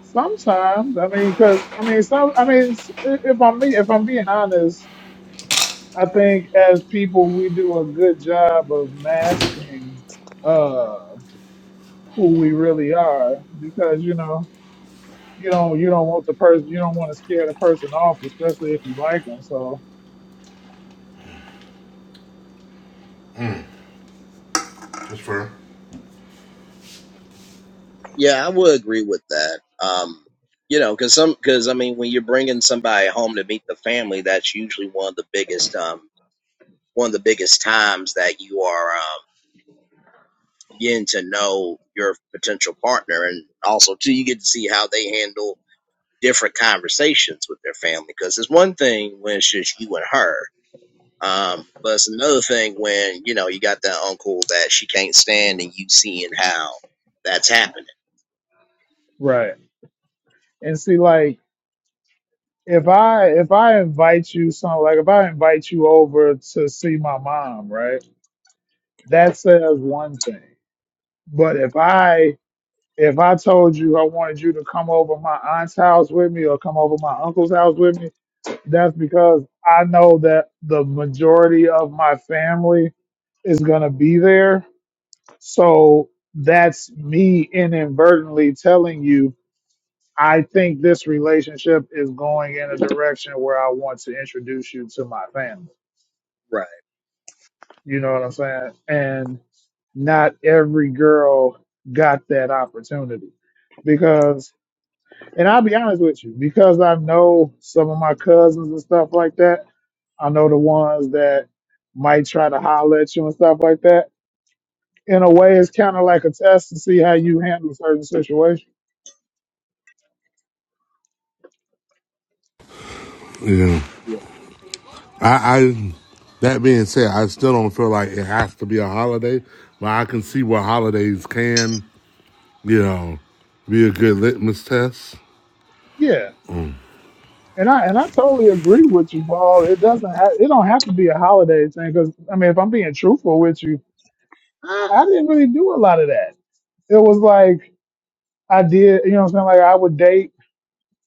[SPEAKER 4] Sometimes, I mean, because I mean, some, I mean, s- i- if I'm be- if I'm being honest, I think as people we do a good job of masking uh who we really are because you know you don't you don't want the person you don't want to scare the person off, especially if you like them. So
[SPEAKER 2] That's fair.
[SPEAKER 1] Yeah, I would agree with that. Um, you know, because some, because I mean, when you're bringing somebody home to meet the family, that's usually one of the biggest, um, one of the biggest times that you are um, getting to know your potential partner, and also too, you get to see how they handle different conversations with their family. Because it's one thing when it's just you and her, um, but it's another thing when you know you got that uncle that she can't stand, and you seeing how that's happening.
[SPEAKER 4] Right. and see, like if I if I invite you some like if I invite you over to see my mom, right? That says one thing, but if I if I told you I wanted you to come over my aunt's house with me or come over my uncle's house with me, that's because I know that the majority of my family is going to be there. So that's me inadvertently telling you, I think this relationship is going in a direction where I want to introduce you to my family. You know what I'm saying? And not every girl got that opportunity because And I'll be honest with you, because I know some of my cousins and stuff like that. I know the ones that might try to holler at you and stuff like that. In a way, it's kind of like a test to see how you handle certain situations.
[SPEAKER 2] Yeah.
[SPEAKER 1] Yeah,
[SPEAKER 2] I, I that being said, I still don't feel like it has to be a holiday, but I can see where holidays can You know, be a good litmus test.
[SPEAKER 4] Yeah, and I and I totally agree with you, Paul. It doesn't have it don't have to be a holiday thing because I mean, if I'm being truthful with you, I, I didn't really do a lot of that. It was like I did, you know, what I'm saying like I would date,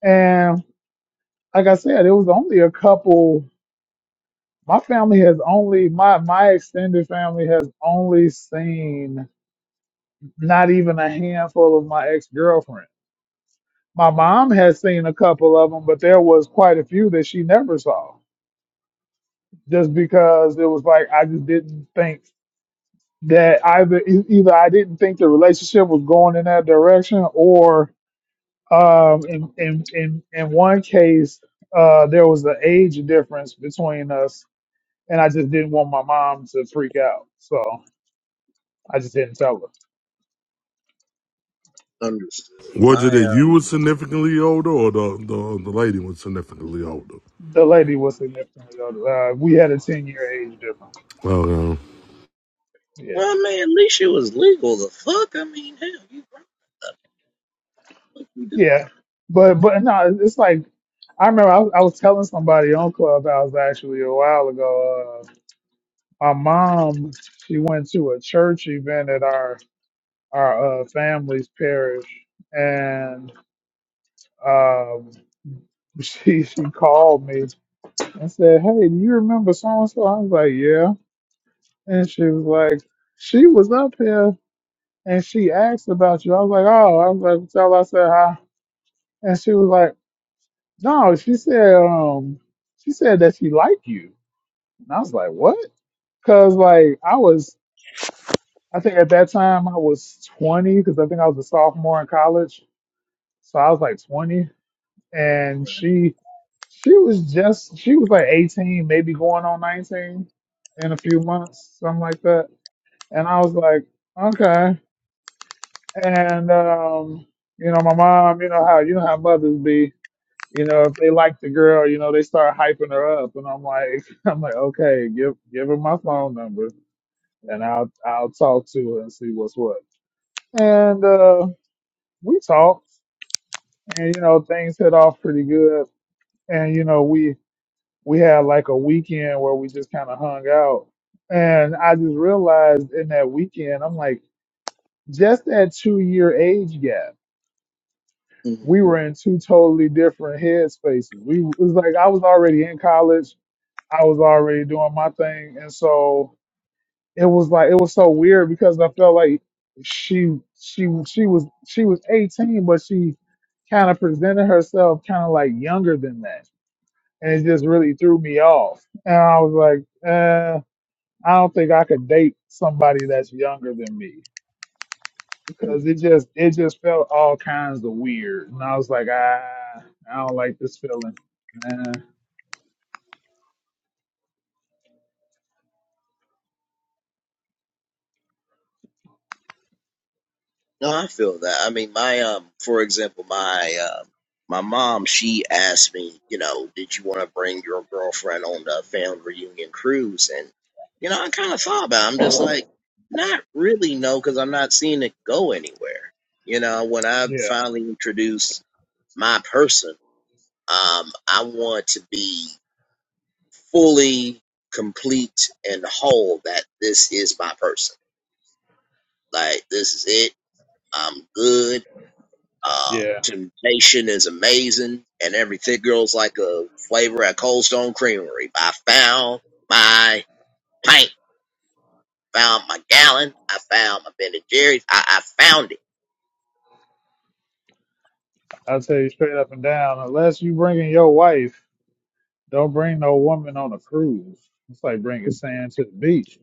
[SPEAKER 4] and like I said, it was only a couple my family has only my my extended family has only seen not even a handful of my ex girlfriend. My mom has seen a couple of them, but there was quite a few that she never saw, just because it was like I just didn't think that either e- either I didn't think the relationship was going in that direction, or um, in in in in one case uh, there was an age difference between us, and I just didn't want my mom to freak out. So. I just didn't tell her.
[SPEAKER 1] understood.
[SPEAKER 2] Was it
[SPEAKER 1] My
[SPEAKER 2] that you were significantly older or the, the, the lady was significantly older?
[SPEAKER 4] The lady was significantly older. Uh, we had a ten year age difference.
[SPEAKER 2] Okay.
[SPEAKER 1] Well,
[SPEAKER 4] Yeah,
[SPEAKER 1] I mean, at least it was legal. The fuck, I mean, hell, you probably do.
[SPEAKER 4] yeah, but but no, it's like I remember I was, I was telling somebody on Clubhouse actually a while ago. Uh, my mom she went to a church event at our our uh, family's parish, and um, she she called me and said, "Hey, do you remember so and so?" I was like, "Yeah," and she was like, "She was up here." and she asked about you. I was like, oh, I was like, so I said hi, and she was like, no, she said, um, she said that she liked you, and I was like, what? Because like I was, I think at that time I was 20, because I think I was a sophomore in college, so I was like 20, and she, she was just, she was like 18, maybe going on 19 in a few months, something like that, and I was like, okay, And um, you know, my mom, you know how you know how mothers be. You know, if they like the girl, you know, they start hyping her up, and I'm like, I'm like, okay, give give her my phone number, and I'll I'll talk to her and see what's what. And uh, we talked, and you know, things hit off pretty good. And you know, we we had like a weekend where we just kind of hung out, and I just realized in that weekend, I'm like, just that two year age gap we were in two totally different headspaces. We it was like I was already in college, I was already doing my thing, and so it was like it was so weird because I felt like she she she was she was 18, but she kind of presented herself kind of like younger than that, and it just really threw me off. And I was like, uh, I don't think I could date somebody that's younger than me. Cause
[SPEAKER 1] mm
[SPEAKER 4] it just it just felt all kinds of weird, and I was like, ah, I don't like this feeling. Uh,
[SPEAKER 1] No, I feel that. I mean, my um, for example, my um, my mom, she asked me, you know, did you want to bring your girlfriend on the family reunion cruise? And you know, I kind of thought about. It. I'm just like, not really, no, because I'm not seeing it go anywhere. You know, when I
[SPEAKER 4] yeah,
[SPEAKER 1] finally introduce my person, um, I want to be. fully complete and whole that this is my person. Like this is it. I'm good. Um,
[SPEAKER 4] yeah.
[SPEAKER 1] temptation is amazing, and everything girl's like a flavor at Cold Stone Creamery. I found my pint. found my gallon, I found my Ben and Jerry's. I, I found it.
[SPEAKER 4] I'll tell you straight up and down. Unless you bringing your wife, don't bring no woman on a cruise. It's like bringing sand to the beach.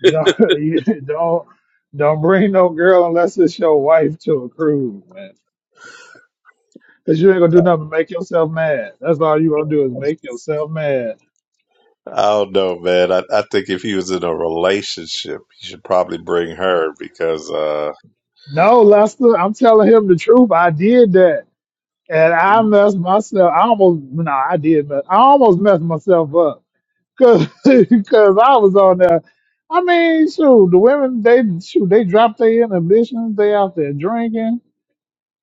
[SPEAKER 4] You know, you don't don't bring no girl unless it's your wife to a cruise, man. Cause you ain't gonna do nothing but make yourself mad. That's all you gonna do is make yourself mad.
[SPEAKER 3] i don't know man i, I think if he was in a relationship he should probably bring her because uh
[SPEAKER 4] No, Lester, I'm telling him the truth. I did that. and I messed myself. I almost no, I did, but I almost messed myself up because I was on there. I mean, shoot, the women they shoot they drop their inhibitions. They out there drinking.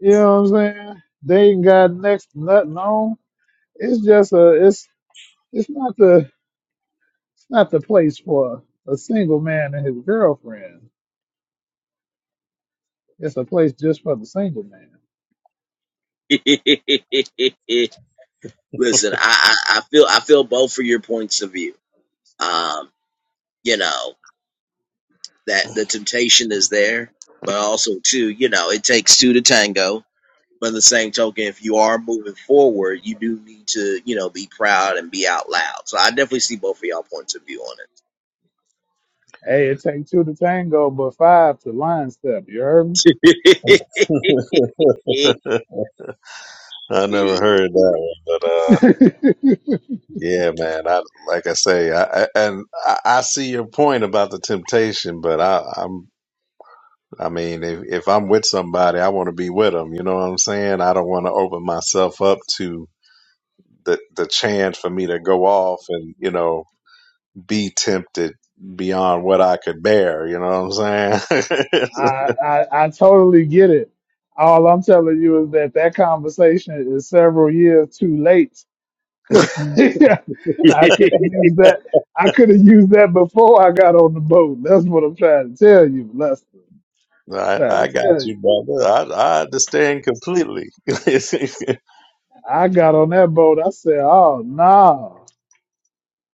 [SPEAKER 4] You know what I'm saying? They ain't got next to nothing on. It's just a it's it's not the it's not the place for a single man and his girlfriend. It's a place just for the single man.
[SPEAKER 1] Listen, I, I, I feel I feel both for your points of view. Um, you know. that the temptation is there, but also too, you know, it takes two to tango. But in the same token, if you are moving forward, you do need to, you know, be proud and be out loud. So I definitely see both of y'all points of view on
[SPEAKER 4] Hey, it takes two to tango, but five to line step. You heard
[SPEAKER 1] it.
[SPEAKER 3] i never heard that one but. uh,
[SPEAKER 4] me?
[SPEAKER 3] Yeah, man. I like I say, I, I- and I, I see your point about the temptation, but I, I'm, I mean, if, if I'm with somebody, I want to be with them. You know what I'm saying? I don't want to open myself up to the the chance for me to go off and you know be tempted beyond what I could bear. You know what I'm saying?
[SPEAKER 4] I, I I totally get it. All I'm telling you is that that conversation is several years too late. I could have used that. I could have used that before I got on the boat. That's what I'm trying to tell you, Lester.
[SPEAKER 3] I, I
[SPEAKER 4] Trying to
[SPEAKER 3] got
[SPEAKER 4] tell
[SPEAKER 3] you,
[SPEAKER 4] you.
[SPEAKER 3] brother. I, I understand completely. and,
[SPEAKER 4] I got on that boat. I said, "Oh no,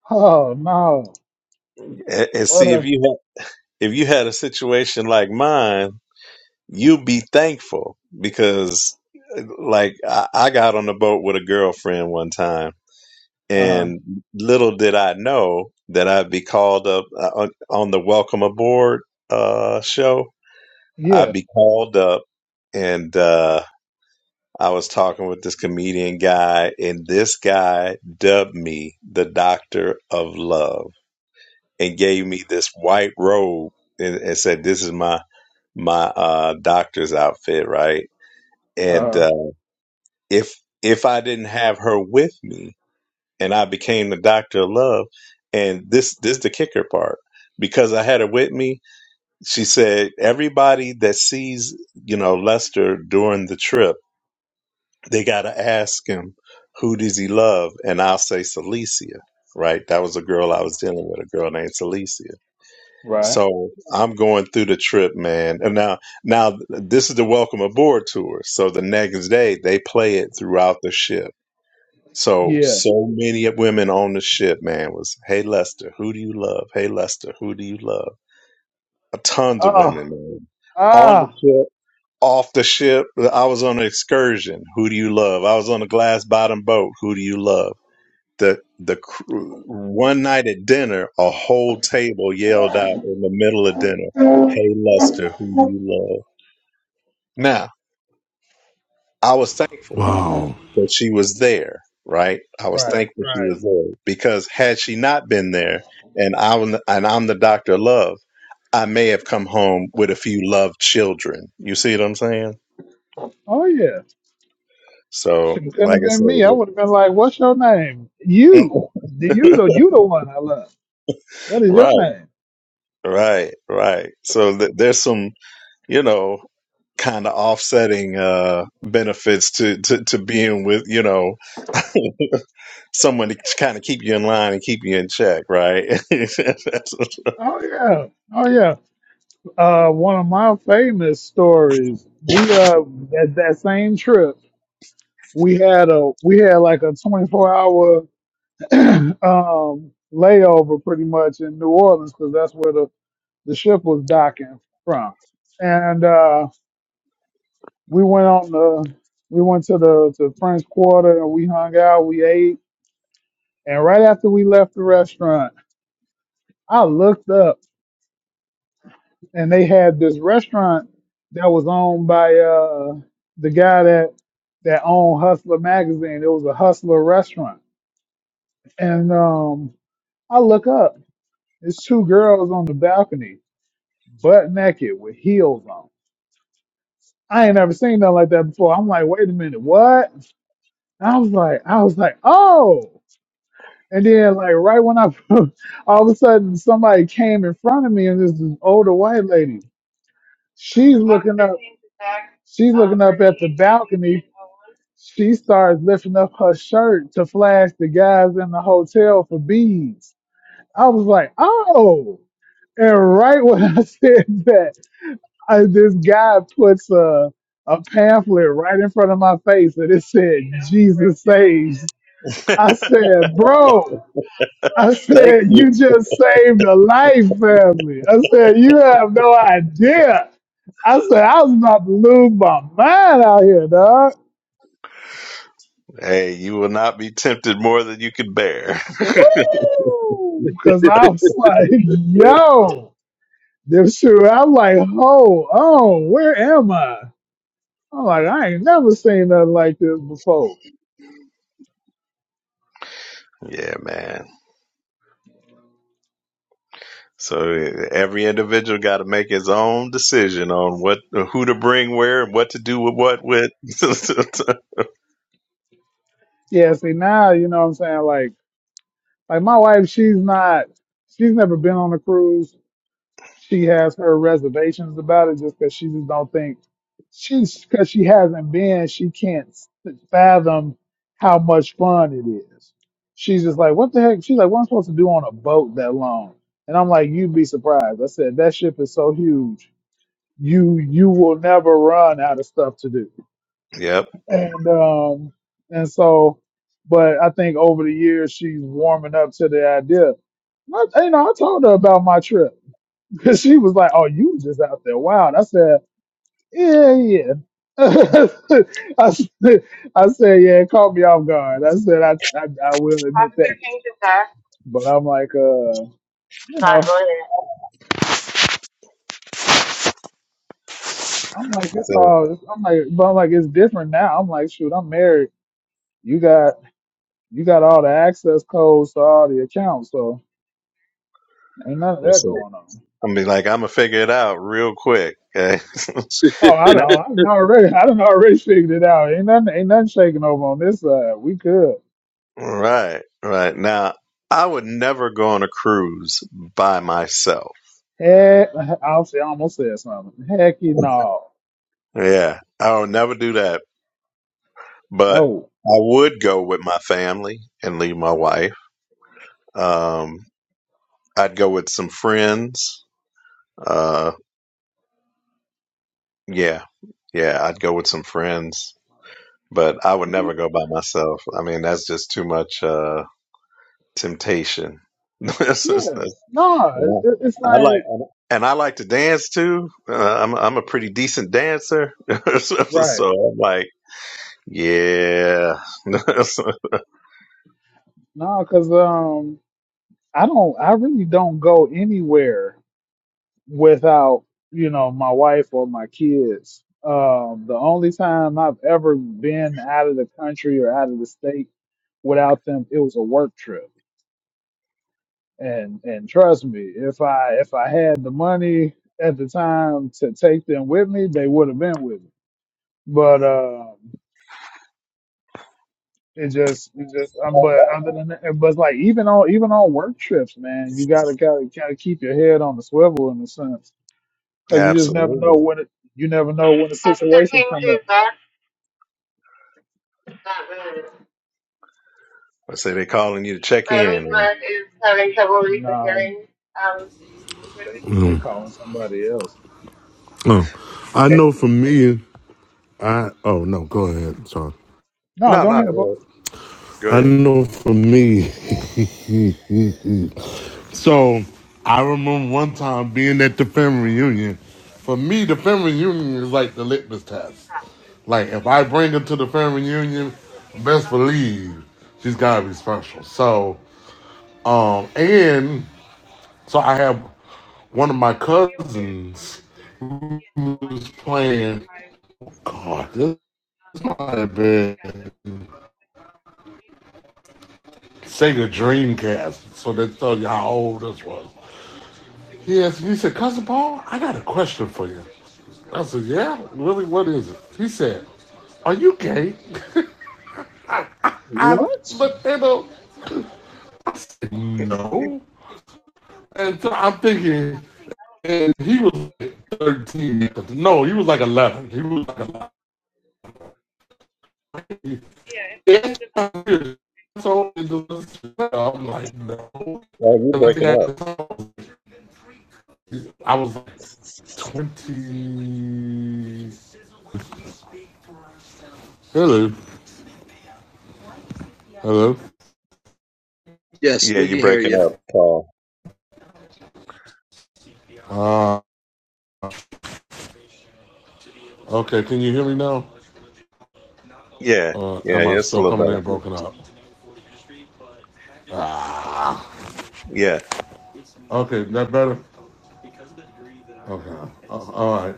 [SPEAKER 4] oh no,
[SPEAKER 3] and
[SPEAKER 4] what
[SPEAKER 3] see if
[SPEAKER 4] a
[SPEAKER 3] you had if you had a situation like mine you be thankful because like I, I got on the boat with a girlfriend one time
[SPEAKER 4] uh huh,
[SPEAKER 3] and little did I know that I'd be called up uh, on on the welcome aboard uh show.
[SPEAKER 4] yeah,
[SPEAKER 3] I'd be called up and uh I was talking with this comedian guy and this guy dubbed me the doctor of love and gave me this white robe and, and said this is my my uh doctor's outfit, right? and uh,
[SPEAKER 4] uh
[SPEAKER 3] if if I didn't have her with me and I became the doctor of love, and this this the kicker part because I had her with me, she said everybody that sees you know Lester during the trip, they got to ask him who does he love, and I'll say Celicia. Right, that was a girl I was dealing with, a girl named Celicia.
[SPEAKER 4] right,
[SPEAKER 3] So I'm going through the trip, man. And now, now this is the welcome aboard tour. So the next day they play it throughout the ship so
[SPEAKER 4] yeah,
[SPEAKER 3] so many of women on the ship, man, was hey Lester, who do you love? Hey Lester, who do you love? Uh, Tons of
[SPEAKER 4] oh
[SPEAKER 3] women, man. On the
[SPEAKER 4] ah,
[SPEAKER 3] ship, off the ship. I was on an excursion. Who do you love? I was on a glass bottom boat. Who do you love? The the crew, one night at dinner, a whole table yelled out in the middle of dinner, "Hey Lester, who do you love?" Now I was thankful
[SPEAKER 2] Wow.
[SPEAKER 3] So she was there, right? I was
[SPEAKER 4] right,
[SPEAKER 3] thankful she was
[SPEAKER 4] right,
[SPEAKER 3] there because had she not been there, and I'm and I'm the doctor of love, I may have come home with a few loved children. You see what I'm saying?
[SPEAKER 4] oh yeah." She
[SPEAKER 3] So,
[SPEAKER 4] couldn't
[SPEAKER 3] like
[SPEAKER 4] have been me. I would
[SPEAKER 3] I
[SPEAKER 4] have been like, "What's your name?
[SPEAKER 3] said,
[SPEAKER 4] You, the you the you the one I love. What is your
[SPEAKER 3] right,
[SPEAKER 4] name?
[SPEAKER 3] right, right. So th- there's some, you know, kind of offsetting uh benefits to, to to being with, you know, someone to kind of keep you in line and keep you in check, right?
[SPEAKER 4] Oh yeah, oh yeah. Uh, one of my famous stories. We uh at that same trip, we had a we had like a twenty four hour um layover pretty much in New Orleans because that's where the the ship was docking from, and uh we went on the we went to the to French Quarter and we hung out. We ate And right after we left the restaurant, I looked up and they had this restaurant that was owned by uh, the guy that that owned Hustler magazine. It was a Hustler restaurant. And um, I look up, it's two girls on the balcony, butt naked with heels on. I ain't never seen nothing like that before. I'm like, wait a minute, what? I was like, I was like, oh. And then like right when I all of a sudden somebody came in front of me and this is older white lady She's looking up. She's looking up at the balcony. She starts lifting up her shirt to flash the guys in the hotel for beads. I was like, oh. And right when I said that, I, this guy puts a, a pamphlet right in front of my face and it said, Jesus saves.
[SPEAKER 3] Thank
[SPEAKER 4] I said, bro, I said,
[SPEAKER 3] you.
[SPEAKER 4] you just saved a life, family. I said, you have no idea. I said I was about to lose my mind out here, dog.
[SPEAKER 3] Hey, you will not be tempted more than you can bear.
[SPEAKER 4] Woo! Cause I was like, yo, this shoe. I'm like, ho, oh, where am I? I'm like, I ain't never seen nothing like this before.
[SPEAKER 3] yeah, man. So eh, every individual got to make his own decision on what, who to bring where, and what to do with what with.
[SPEAKER 4] Yeah, see now, you know what I'm saying? Like like my wife, she's not she's never been on a cruise. she has her reservations about it just because she just don't think she's because she hasn't been she can't s- fathom how much fun it is she's just like what the heck she's like what am i supposed to do on a boat that long and i'm like you'd be surprised i said that ship is so huge you you will never run out of stuff to do
[SPEAKER 3] yep,
[SPEAKER 4] and um and so but i think over the years she's warming up to the idea I, you know i told her about my trip Cause she was like, "Oh, you just out there wild." I said, "Yeah, yeah." I said, I said, "Yeah." It caught me off guard. I said, "I, I, I will admit But I'm like, uh, you know, I'm like,
[SPEAKER 3] that's
[SPEAKER 4] it's
[SPEAKER 3] it.
[SPEAKER 4] all. I'm like, but I'm like, it's different now. I'm like, shoot, I'm married. You got, you got all the access codes to all the accounts, so ain't none of that
[SPEAKER 3] That's it.
[SPEAKER 4] going on.
[SPEAKER 3] I mean, like I'm gonna figure it out real quick. Okay.
[SPEAKER 4] Oh, I
[SPEAKER 3] No.
[SPEAKER 4] don't, I don't already, I don't already figured it out. Ain't nothing, ain't nothing shaking over on this side. We good.
[SPEAKER 3] Right. Right. Now, I would never go on a cruise by myself.
[SPEAKER 4] Heck, I'll I almost said something. Heck, you no,
[SPEAKER 3] Yeah, I would never do that but
[SPEAKER 4] no,
[SPEAKER 3] I would go with my family and leave my wife. Um, I'd go with some friends. Uh, yeah, yeah, I'd go with some friends, but I would never go by myself. I mean, that's just too much uh, temptation. That's just- that's-
[SPEAKER 4] yes, no. It, it- it's
[SPEAKER 3] I like
[SPEAKER 4] like
[SPEAKER 3] and I like to dance too. Uh, I'm I'm a pretty decent dancer, so
[SPEAKER 4] right,
[SPEAKER 3] so I'm like, yeah,
[SPEAKER 4] no, because um, I don't, I really don't go anywhere without you know my wife or my kids. Um, the only time I've ever been out of the country or out of the state without them, it was a work trip. And and trust me, if I if I had the money at the time to take them with me, they would have been with me But um, it just, it just. Um, but other than that, but it's like even on even on work trips, man, you gotta gotta gotta keep your head on the swivel in a sense, because you just never know
[SPEAKER 3] absolutely.
[SPEAKER 4] when it. You never know when a situation comes up.
[SPEAKER 3] I say they're calling you to check in.
[SPEAKER 4] No, they they
[SPEAKER 2] Mm.
[SPEAKER 4] calling somebody else.
[SPEAKER 2] Oh. I know for me, I, oh no, go ahead. Sorry.
[SPEAKER 4] No,
[SPEAKER 3] No,
[SPEAKER 4] go
[SPEAKER 3] no,
[SPEAKER 4] ahead,
[SPEAKER 3] go
[SPEAKER 4] bro.
[SPEAKER 3] ahead. Go
[SPEAKER 2] I
[SPEAKER 3] ahead.
[SPEAKER 2] know for me, So I remember one time being at the family reunion. For me, the family reunion is like the litmus test. Like if I bring her to the family reunion, best believe she's gotta be special. So um and so I have one of my cousins who was playing God, this might have been Sega Dreamcast. So that tell you how old this was. Yes, he said, Cousin Paul, I got a question for you. I said, Yeah, really, what is it? He said, Are you gay? I
[SPEAKER 4] What?
[SPEAKER 2] looked at him, I said, No. And so I'm thinking, and he was like 13. No, he was like 11. He was like 11. Yes, I'm So I'm like, no.
[SPEAKER 3] Oh, you are
[SPEAKER 2] I think
[SPEAKER 3] breaking
[SPEAKER 2] I
[SPEAKER 3] up.
[SPEAKER 2] I was like 20. Hello. Hello.
[SPEAKER 1] yes,
[SPEAKER 3] Yeah,
[SPEAKER 1] we
[SPEAKER 3] you are
[SPEAKER 1] can hear
[SPEAKER 3] breaking
[SPEAKER 1] you.
[SPEAKER 3] up, Paul.
[SPEAKER 2] uh. Okay, can you hear me now?
[SPEAKER 3] Yeah,
[SPEAKER 2] Uh,
[SPEAKER 3] yeah,
[SPEAKER 2] am I
[SPEAKER 3] it's a
[SPEAKER 2] still
[SPEAKER 3] little
[SPEAKER 2] coming in
[SPEAKER 3] better.
[SPEAKER 1] Yeah.
[SPEAKER 2] broken up? Ah,
[SPEAKER 3] Yeah.
[SPEAKER 2] okay, that better. Okay, uh, all right.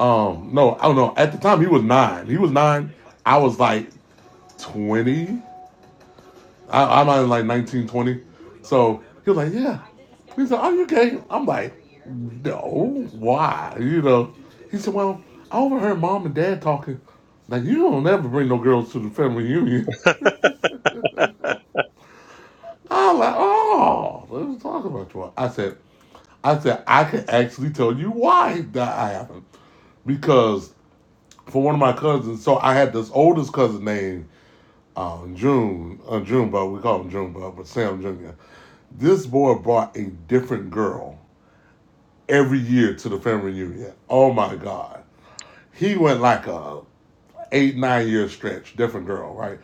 [SPEAKER 2] Um, no, I don't know. At the time, he was nine. He was nine. I was like twenty. I, I'm not like 19 20. So he was like, "Yeah." He said, "Are you gay?" I'm like, "No." Why? You know? He said, "Well, I overheard mom and dad talking. Like, you don't ever bring no girls to the family reunion." I was like, oh, they was talking about you. I said, I said, I can actually tell you why that happened. Because for one of my cousins, so I had this oldest cousin named um, June, uh, Junebug, we call him Junebug, but Sam Jr. This boy brought a different girl every year to the family reunion. Oh my God. He went like a eight, nine year stretch, different girl, right?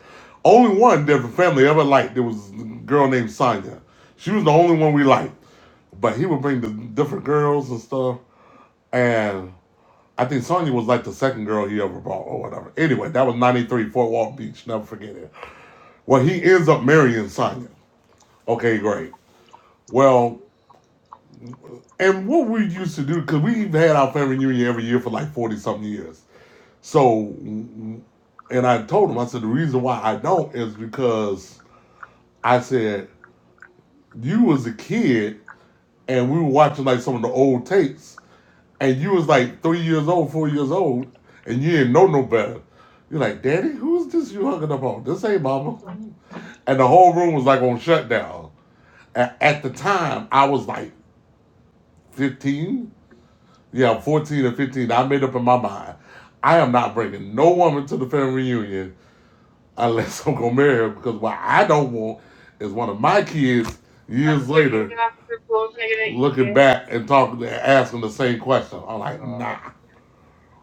[SPEAKER 2] Only one different family ever liked. There was a girl named Sonya. She was the only one we liked. But he would bring the different girls and stuff. And I think Sonya was like the second girl he ever brought or whatever. Anyway, that was 93 Fort Walton Beach. Never forget it. Well, he ends up marrying Sonya. Okay, great. Well, and what we used to do, because we've had our family reunion every year for like 40 something years. So, and I told him, I said, the reason why I don't is because I said, you was a kid and we were watching like some of the old tapes and you was like three years old, four years old, and you didn't know no better. You're like, Daddy, who's this you hugging up on? This ain't mama. And the whole room was like on shutdown. And at the time, I was like 15. Yeah, 14 or 15. I made up in my mind. I am not bringing no woman to the family reunion unless I'm going to marry her because what I don't want is one of my kids years later looking back and talking to asking the same question. I'm like, nah.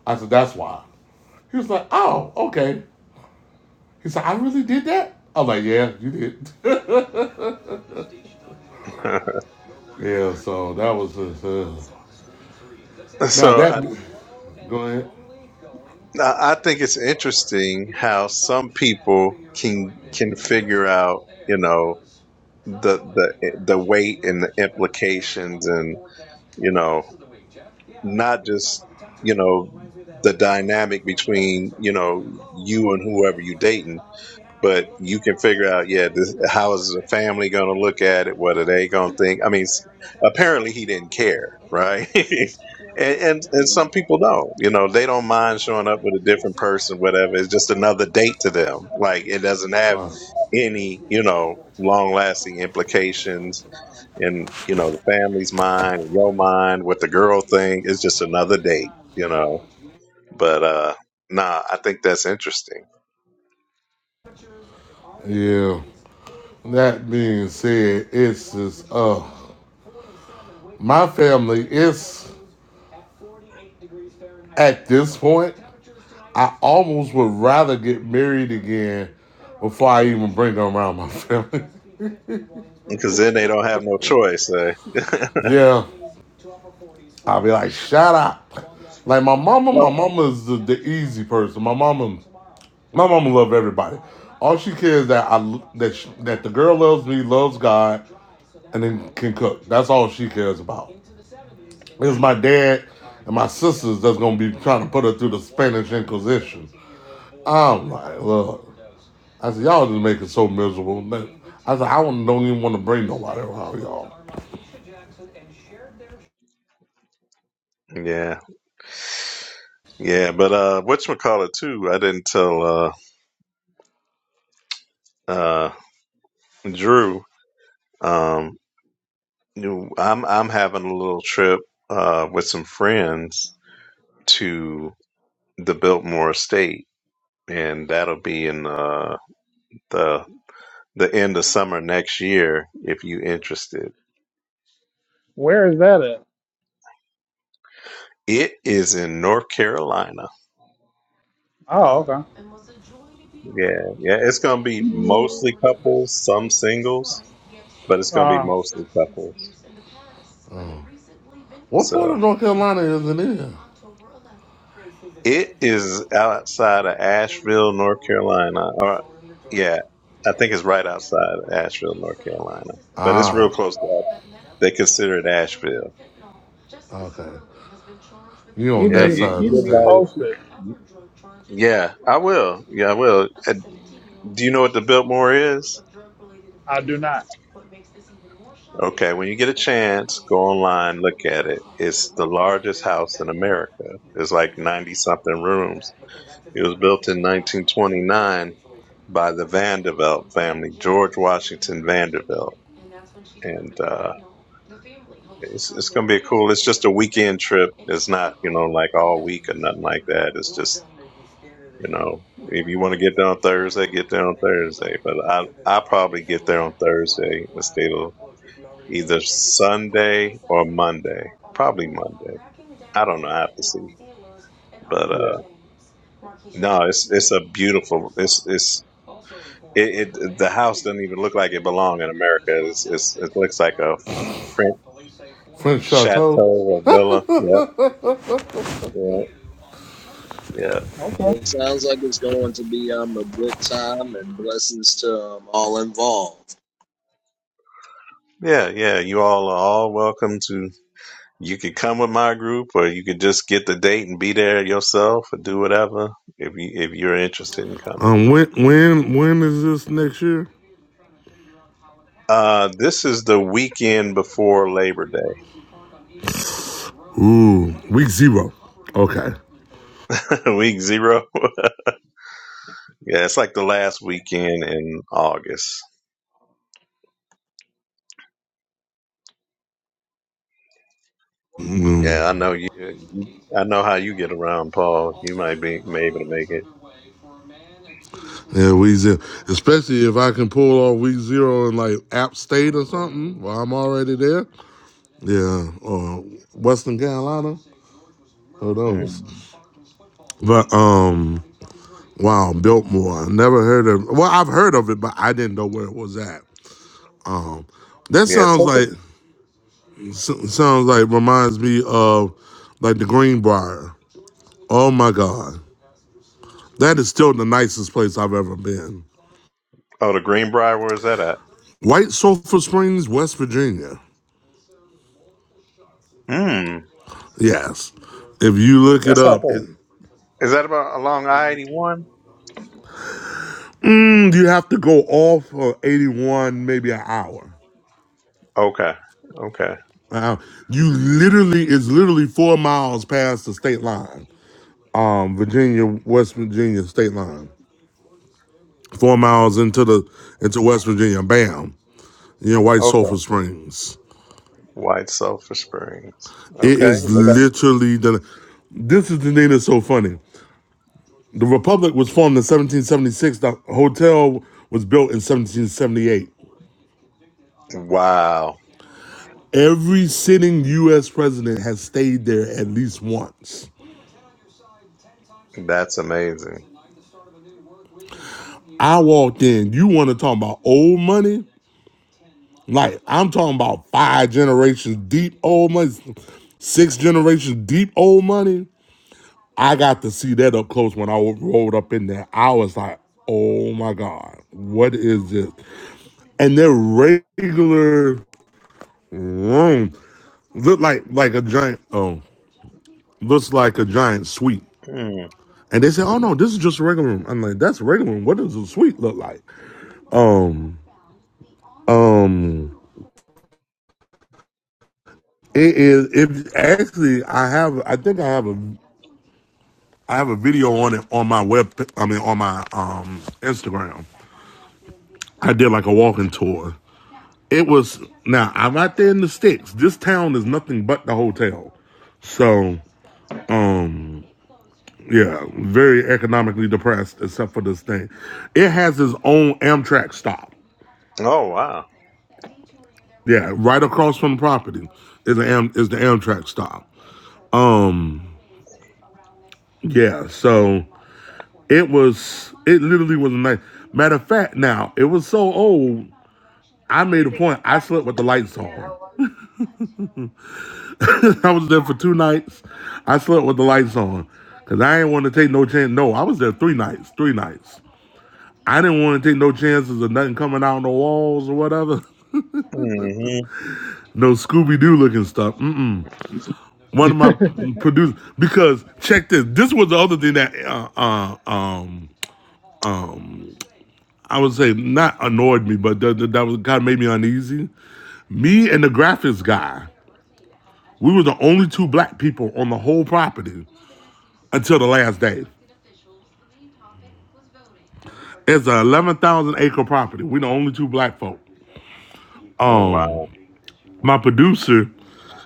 [SPEAKER 2] I said, that's why. He was like, oh, okay. He said, I really did that? I'm like, yeah, you did. yeah, so that was just, uh, now
[SPEAKER 3] so
[SPEAKER 2] that, go ahead.
[SPEAKER 3] I think it's interesting how some people can can figure out, you know, the the the weight and the implications, and you know, not just you know the dynamic between you know you and whoever you dating, but you can figure out, yeah, this, how is the family going to look at it? What are they going to think? I mean, s- apparently he didn't care, right? and, and
[SPEAKER 1] yeah.
[SPEAKER 3] and some people don't, you know, they don't mind showing up with a different person, whatever. It's just another date to them. Like it doesn't have any, you know, long lasting implications in, you know, the family's mind, your mind, what the girl thing. It's just another date, you know. But uh nah, I think that's interesting
[SPEAKER 2] Yeah. That being said, it's just uh my family is at this point. I almost would rather get married again before I even bring them around my family.
[SPEAKER 3] because then they don't have no choice. eh?
[SPEAKER 2] yeah. I'll be like, shut up. Like my mama, my
[SPEAKER 3] Oh,
[SPEAKER 2] mama's the, the easy person. My mama my mama loved everybody. All she cares is that I that sh that the girl loves me, loves God, and then can cook. That's all she cares about. It's my dad and my sisters that's gonna be trying to put her through the Spanish Inquisition. I'm like, look. I said, y'all just make it so miserable. I said, I don't even want to bring nobody around y'all.
[SPEAKER 3] yeah, yeah. But uh, what you call it too? I didn't tell uh, uh, Drew. Um, you- I'm I'm having a little trip uh with some friends to the Biltmore Estate, and that'll be in uh the the end of summer next year. If you interested,
[SPEAKER 4] Where is that at?
[SPEAKER 3] it is in North Carolina.
[SPEAKER 4] Oh, okay.
[SPEAKER 3] Yeah, yeah. It's gonna be
[SPEAKER 4] Keep me,
[SPEAKER 3] mostly couples, some singles, but it's gonna be
[SPEAKER 4] uh,
[SPEAKER 3] mostly couples.
[SPEAKER 2] Mm.
[SPEAKER 3] So.
[SPEAKER 2] Carolina is it in?
[SPEAKER 3] It is outside of Asheville, North Carolina. Or yeah, I think it's right outside of Asheville, North Carolina. But it's real close to they consider it Asheville.
[SPEAKER 4] keep
[SPEAKER 3] Yeah,
[SPEAKER 4] me,
[SPEAKER 3] you
[SPEAKER 4] keep
[SPEAKER 3] you
[SPEAKER 4] me
[SPEAKER 3] invited.
[SPEAKER 4] posted.
[SPEAKER 3] Yeah, I will. Yeah, I will. Uh, Do you know what the Biltmore is?
[SPEAKER 4] I do not.
[SPEAKER 3] Okay, when you get a chance, go online, look at it. It's the largest house in America. It's like 90 something rooms. It was built in 1929 by the Vanderbilt family, George Washington Vanderbilt and uh, it's it's gonna be cool. It's just a weekend trip. It's not you know like all week or nothing like that. It's just you know if you want to get there on Thursday, get there on Thursday. But I I probably get there on Thursday and stay till either Sunday or Monday. Probably Monday. I don't know. I have to see. But uh,
[SPEAKER 4] Yeah.
[SPEAKER 3] no, it's it's a beautiful. It's it's. It, it the house doesn't even look like it belong in America. It's, it's it looks like a French chateau or villa. Yep, yeah, Yeah.
[SPEAKER 4] Okay.
[SPEAKER 1] Well, it sounds like it's going to be um a good time and bless all involved.
[SPEAKER 3] Yeah, yeah. You all are all welcome to. You could come with my group, or you could just get the date and be there yourself, or do whatever if you if you're interested in coming.
[SPEAKER 2] Um, when when when is this next year?
[SPEAKER 3] Uh, this is the weekend before Labor Day,
[SPEAKER 2] Ooh, week zero. Okay.
[SPEAKER 3] week zero. Yeah, it's like the last weekend in August.
[SPEAKER 2] Mm.
[SPEAKER 3] Yeah, I know you. I know how you get around, Paul. You might be maybe to make it.
[SPEAKER 2] Yeah, week zero. Especially if I can pull off week zero in like App State or something. Well, I'm already there. Yeah, or Western Carolina. Who knows?
[SPEAKER 3] Mm.
[SPEAKER 2] But um, wow, Biltmore. I never heard of. Well, I've heard of it, but I didn't know where it was at. Um, That
[SPEAKER 3] Yeah,
[SPEAKER 2] sounds
[SPEAKER 3] take it.
[SPEAKER 2] like s- sounds like reminds me of like the Greenbrier. Oh my God, that is still the nicest place I've ever been.
[SPEAKER 3] Oh, the Greenbrier. Where is that at?
[SPEAKER 2] White Sulphur Springs, West Virginia.
[SPEAKER 3] Hmm.
[SPEAKER 2] Yes, if you look it
[SPEAKER 3] That's not
[SPEAKER 2] up,
[SPEAKER 3] far.
[SPEAKER 2] it,
[SPEAKER 3] Is that about along I eighty one?
[SPEAKER 2] mm, you have to go off for eighty one, maybe an hour.
[SPEAKER 3] Okay. Okay.
[SPEAKER 2] Wow. You literally it's literally four miles past the state line. Um, Virginia, West Virginia state line. Four miles into the into West Virginia. Bam. you know, White Sulphur
[SPEAKER 3] Okay.
[SPEAKER 2] Springs.
[SPEAKER 3] White Sulphur Springs.
[SPEAKER 2] It
[SPEAKER 3] Okay.
[SPEAKER 2] is
[SPEAKER 3] They
[SPEAKER 2] literally the. This is the thing that's so funny. The Republic was formed in 1776. The hotel was built in 1778.
[SPEAKER 3] got Wow.
[SPEAKER 2] Every sitting U.S. president has stayed there at least once.
[SPEAKER 3] That's amazing.
[SPEAKER 2] I walked in. You want to talk about old money? Like I'm talking about five generations deep old money, six generations deep old money. I got to see that up close when I rolled up in there. I was like, oh my God, what is this? And their regular room looked like like a giant oh, looks like a giant suite.
[SPEAKER 3] Mm.
[SPEAKER 2] And they said, Oh no, this is just a regular room. I'm like, that's a regular room. What does a suite look like? Um, um it is it actually I have I think I have a I have a video on it on my web I mean on my um Instagram. I did like a walking tour It was now I'm out there in the sticks. This town is nothing but the hotel. So, um, yeah, very economically depressed except for this thing. It has its own Amtrak stop.
[SPEAKER 3] Oh wow.
[SPEAKER 2] Yeah, right across from the property is the Am- is the Amtrak stop. Um, yeah, so it was it literally was a night. Matter of fact, now it was so old. I made a point. I slept with the lights on. I was there for two nights. I slept with the lights on because I didn't want to take no chance. No, I was there three nights, three nights. I didn't want to take no chances of nothing coming out on the walls or whatever.
[SPEAKER 3] hmm
[SPEAKER 2] No Scooby Doo looking stuff. Mm-mm. One of my producers, because check this. This was the other thing that, uh, uh, um, um, I would say not annoyed me, but that, that, that was kind of made me uneasy. Me and the graphics guy, we were the only two black people on the whole property until the last day. It's an eleven thousand acre property. We the only two black folk. Um,
[SPEAKER 3] Wow.
[SPEAKER 2] my producer,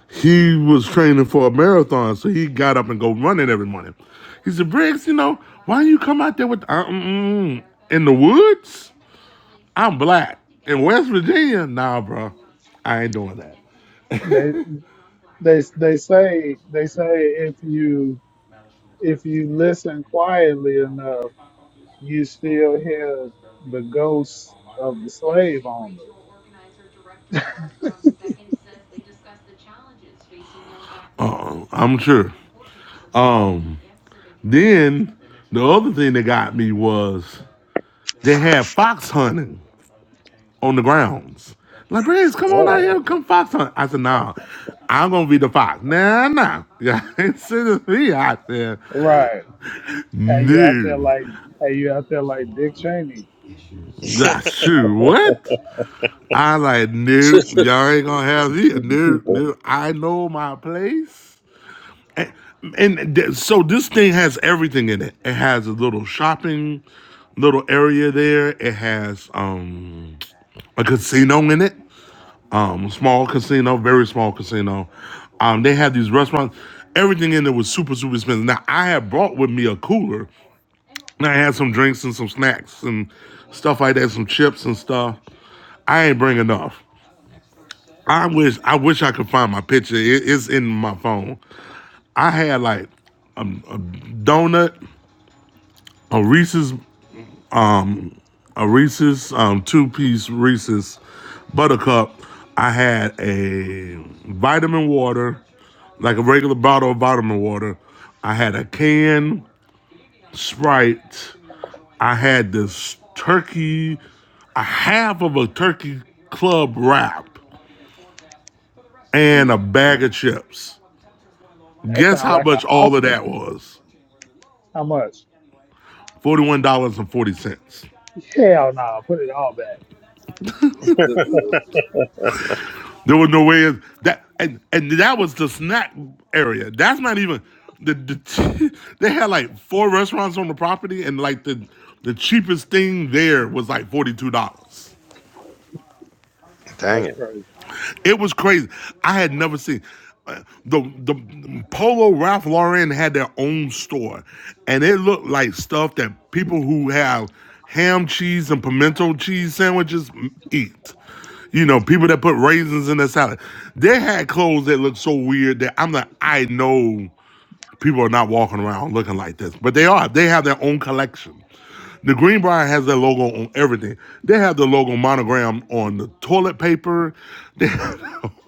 [SPEAKER 2] he was training for a marathon, so he got up and go running every morning. He said, "Briggs, you know, why you come out there with uh, mm, mm, in the woods? I'm black in West Virginia. Nah, bro, I ain't doing that."
[SPEAKER 4] They. They they say they say if you if you listen quietly enough, you still hear the ghosts of the
[SPEAKER 2] Next
[SPEAKER 4] slave
[SPEAKER 2] Gen
[SPEAKER 4] owners.
[SPEAKER 2] Regional Organizer Director Charles Brown the Second says they discussed the challenges facing young black. Uh, I'm sure. Um, Then the other thing that got me was they had fox hunting on the grounds. Like, Briggs, come on out here, come fox hunt. I said, nah, I'm gonna be the fox. Nah, nah. Yeah, ain't sending me out there.
[SPEAKER 4] Right. Had you out there
[SPEAKER 2] No.
[SPEAKER 4] like had you out there like Dick Cheney?
[SPEAKER 2] That's shoot, What? I like, nope, y'all ain't gonna have me. Nope, nope. I know my place. And, and th- so this thing has everything in it. It has a little shopping little area there. It has um a casino in it. Um, small casino, very small casino. Um, they had these restaurants. Everything in there was super, super expensive. Now I had brought with me a cooler. And I had some drinks and some snacks and stuff like that, some chips and stuff. I ain't bring enough. I wish I wish I could find my picture. It- it's in my phone. I had like a, a donut, a Reese's a Reese's, um, two piece Reese's buttercup. I had a vitamin water, like a regular bottle of vitamin water. I had a can Sprite. I had this turkey, a half of a turkey club wrap, and
[SPEAKER 1] Mm,
[SPEAKER 2] a bag of chips.
[SPEAKER 4] That
[SPEAKER 2] Guess
[SPEAKER 4] sounds
[SPEAKER 2] how
[SPEAKER 4] like a
[SPEAKER 2] much all of
[SPEAKER 4] hostage.
[SPEAKER 2] that was?
[SPEAKER 4] How much?
[SPEAKER 2] $41.40.
[SPEAKER 4] Hell no, put it all back.
[SPEAKER 1] good Lord.
[SPEAKER 2] There was no way in- that, and and that was the snack area. That's not even the, the they had like four restaurants on the property, and like the the cheapest thing there was like forty two dollars.
[SPEAKER 3] Dang
[SPEAKER 4] That's
[SPEAKER 3] it.
[SPEAKER 4] crazy.
[SPEAKER 2] It was crazy. I had never seen uh, the the Polo Ralph Lauren had their own store, and it looked like stuff that people who have ham cheese and pimento cheese sandwiches eat. You know, people that put raisins in their salad. They had clothes that looked so weird that I'm like, I know People are not walking around looking like this, but they are. They have their own collection. The Greenbrier has their logo on everything. They have the logo monogram on the toilet paper, they have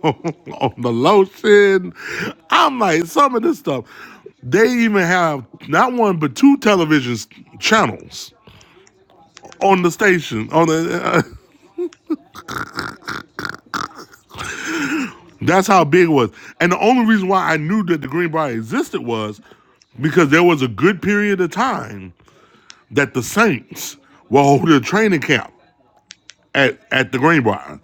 [SPEAKER 2] it on the lotion. I'm like, some of this stuff. They even have not one but two television channels on the station. On the uh, that's how big it was. And the only reason why I knew that the Greenbrier existed was because there was a good period of time that the Saints will hold a training camp at, at the Greenbrier.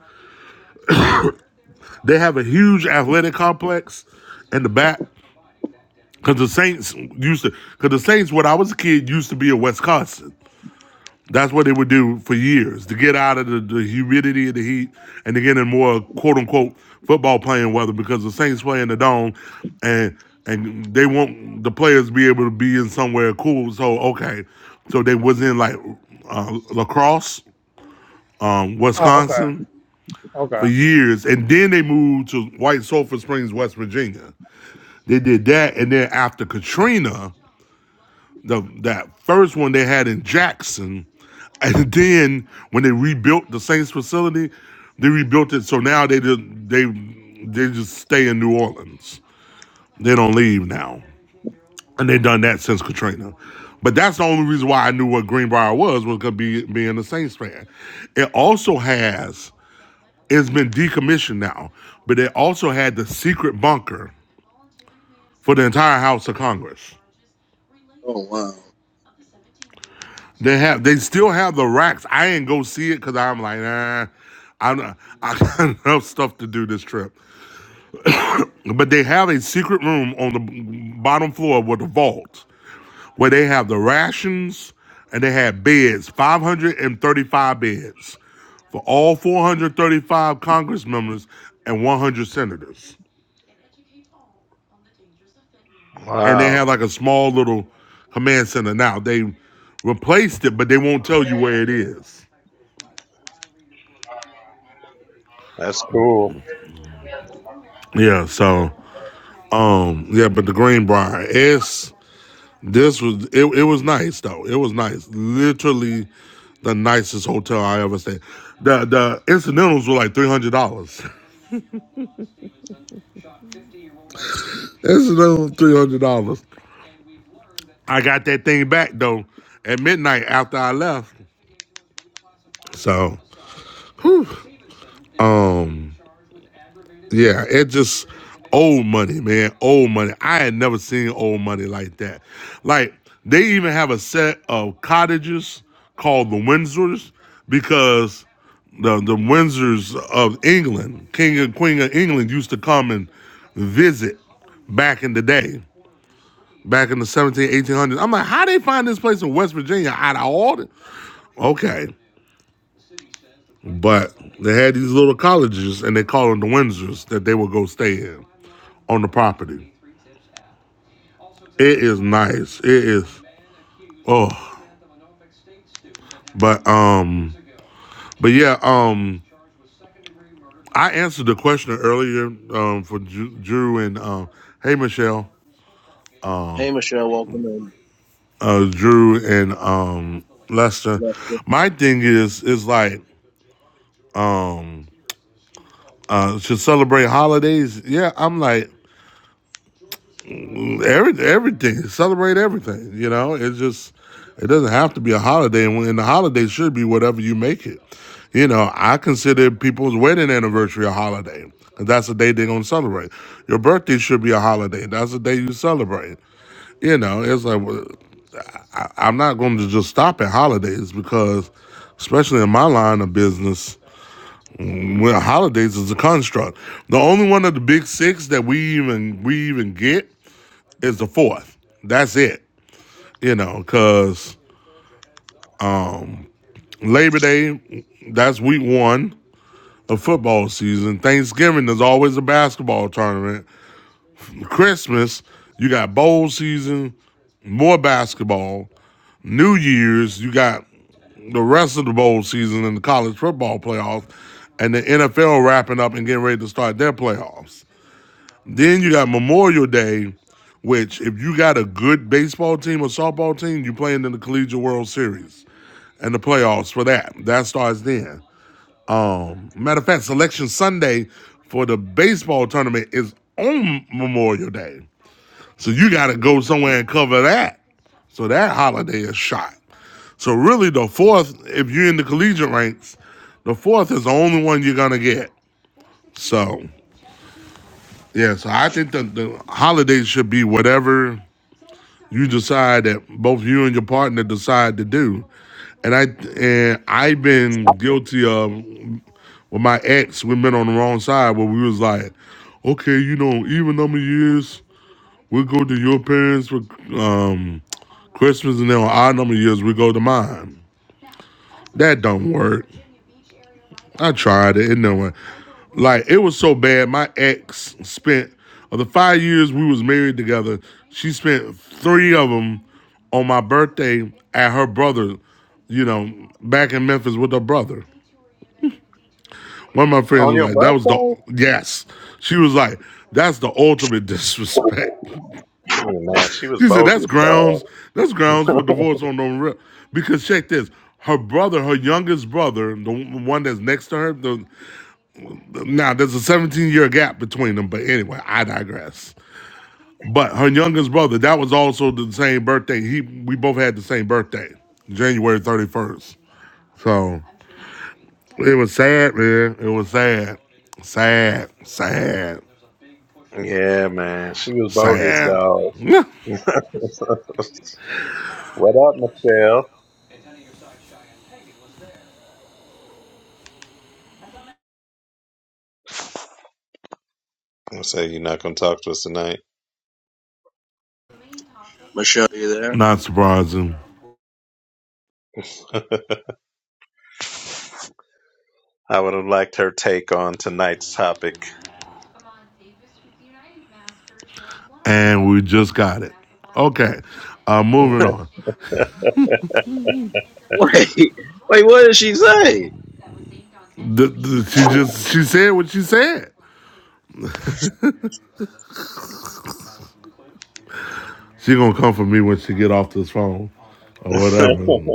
[SPEAKER 2] They have a huge athletic complex in the back because the Saints used to, because the Saints, when I was a kid, used to be in Wisconsin. That's what they would do for years to get out of the, the humidity and the heat and to get in more quote unquote football playing weather because the Saints play in the dome and and they want the players to be able to be in somewhere cool. So okay, so they was in like uh, lacrosse um,
[SPEAKER 4] Oh, okay.
[SPEAKER 2] Wisconsin
[SPEAKER 4] Okay.
[SPEAKER 2] for years, and then they moved to White Sulphur Springs, West Virginia. They did that, and then after Katrina, the that first one they had in Jackson, and then when they rebuilt the Saints facility, they rebuilt it so now they just, they they just stay in New Orleans. They don't leave now, and they have done that since Katrina. But that's the only reason why I knew what Greenbrier was was gonna be being a Saints fan. It also has It's been decommissioned now, but they also had the secret bunker for the entire House of Congress.
[SPEAKER 1] Oh wow,
[SPEAKER 2] They have, they still have the racks. I ain't go see it because I'm like, nah, I'm not, I got enough stuff to do this trip. But they have a secret room on the bottom floor with a vault where they have the rations and they had beds, 535 beds for all 435 Congress members and 100 senators. and they
[SPEAKER 3] Wow.
[SPEAKER 2] have like a small little command center now. They replaced it, but they won't tell you where it is.
[SPEAKER 3] That's cool.
[SPEAKER 2] Yeah, so um yeah, but the Greenbrier, it's this was it, it was nice though. It was nice. Literally the nicest hotel I ever stayed. The the incidentals were like three hundred dollars. Incidentals three hundred dollars. I got that thing back though at midnight after I left. So whew. um Yeah, it just old money, man. Old money. I had never seen old money like that. Like they even have a set of cottages called the Windsors because the the Windsors of England, King and Queen of England, used to come and visit back in the day, back in the seventeen eighteen hundreds. I'm like, how they find this place in West Virginia out of all the? Okay, but they had these little colleges, and they call them the Windsors, that they would go stay in on the property. It is nice. It is oh, but um, but yeah, um, I answered the question earlier um for Ju- Drew and um, hey Michelle, uh, uh, Drew and um Lester. My thing is is like um uh should celebrate holidays. Yeah, I'm like Every, everything celebrate everything. You know, it's just it doesn't have to be a holiday, and when- and the holiday should be whatever you make it. You know, I consider people's wedding anniversary a holiday. 'cause That's the day they're gonna celebrate. Your birthday should be a holiday. That's the day you celebrate. You know, it's like well, I, I'm not going to just stop at holidays because, especially in my line of business, mm, well, holidays is a construct. The only one of the big six that we even we even get is the fourth. That's it. You know, because um, Labor Day, that's week one of football season. Thanksgiving is always a basketball tournament. Christmas, you got bowl season, more basketball. New Year's, you got the rest of the bowl season and the college football playoffs, and the NFL wrapping up and getting ready to start their playoffs. Then you got Memorial Day, which if you got a good baseball team or softball team, you are playing in the Collegiate World Series and the playoffs for that. That starts then. Um, matter of fact, Selection Sunday for the baseball tournament is on Memorial Day, so you got to
[SPEAKER 1] Mhm.
[SPEAKER 2] go somewhere and cover that. So that holiday is shot. So really, the fourth, if you're in the collegiate ranks, the fourth is the only one you're gonna get. So yeah, so I think the, the holidays should be whatever you decide that both you and your partner decide to do. And I and I've been guilty of with my ex, we've been on the wrong side where we was like, okay, you know, even number of years, we go to your parents for um Christmas and then on our number of years we go to mine. That don't work. I tried it. It no one. Like it was so bad. My ex spent of the five years we was married together. She spent three of them on my birthday at her brother. You know, back in Memphis with her brother. One of my friends
[SPEAKER 3] On
[SPEAKER 2] was
[SPEAKER 3] your
[SPEAKER 2] like, "That was the
[SPEAKER 3] birthday?
[SPEAKER 2] yes." She was like, "That's the ultimate disrespect."
[SPEAKER 3] Oh, man, she was
[SPEAKER 2] she said, "That's
[SPEAKER 3] bogus, dog.
[SPEAKER 2] grounds. That's grounds for divorce on the real." Because check this, her brother, her youngest brother, the one that's next to her, the Now there's a 17 year gap between them, but anyway, I digress. But her youngest brother, that was also the same birthday. He we both had the same birthday, January 31st. So it was sad, man. It was sad, sad, sad,
[SPEAKER 3] Yeah, man. She was bogus,
[SPEAKER 2] sad.
[SPEAKER 3] dog.
[SPEAKER 2] Yeah.
[SPEAKER 3] what up, Michelle? I say you're not gonna talk to us tonight.
[SPEAKER 1] Michelle, you there?
[SPEAKER 2] Not surprising.
[SPEAKER 3] I would have liked her take on tonight's topic.
[SPEAKER 2] And we just got it. Okay, uh, moving on.
[SPEAKER 1] Wait, wait, what did she say?
[SPEAKER 2] The, the, she just she said what she said. She gonna come for me when she get off this phone or whatever.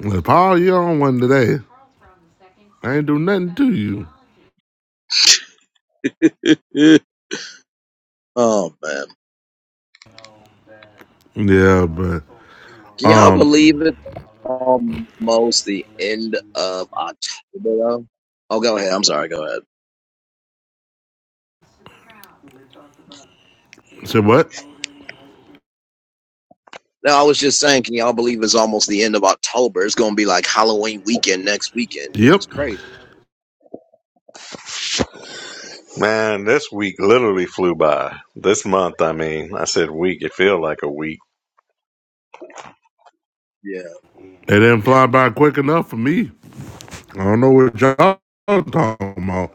[SPEAKER 2] Like, Paul, you on one today? I ain't do nothing to you.
[SPEAKER 1] oh man,
[SPEAKER 2] Yeah, but
[SPEAKER 1] can y'all
[SPEAKER 2] um,
[SPEAKER 1] believe it? Almost the end of October. Though? Oh, go ahead. I'm sorry. Go ahead.
[SPEAKER 2] said what?
[SPEAKER 1] No, I was just saying, can y'all believe it's almost the end of October? It's gonna be like Halloween weekend next weekend, which
[SPEAKER 2] Yep,
[SPEAKER 1] is
[SPEAKER 2] it
[SPEAKER 1] crazy.
[SPEAKER 3] Man, this week literally flew by. This month, I mean, I said week. It feel like a week.
[SPEAKER 1] Yeah.
[SPEAKER 2] didn't fly by quick enough for me. I don't know what y'all talking about.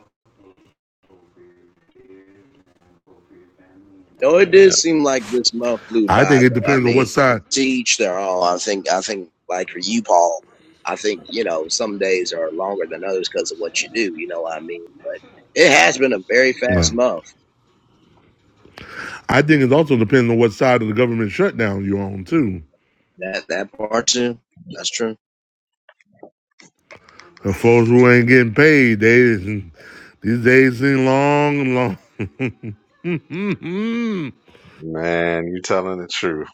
[SPEAKER 1] No, it did
[SPEAKER 3] Yeah,
[SPEAKER 1] seem like this month flew
[SPEAKER 2] I
[SPEAKER 1] by
[SPEAKER 2] think it
[SPEAKER 1] though. I
[SPEAKER 2] depends on what
[SPEAKER 1] mean,
[SPEAKER 2] side.
[SPEAKER 1] to each their own. I think. I think like for you, Paul. I think you know some days are longer than others because of what you do. You know what I mean? But it has been a very
[SPEAKER 2] Well,
[SPEAKER 1] fast month.
[SPEAKER 2] I think it also depends on what side of the government shutdown you're on too.
[SPEAKER 1] That that part too. That's true.
[SPEAKER 2] The folks who ain't getting paid, they these days seem long and long.
[SPEAKER 3] man, you telling the truth.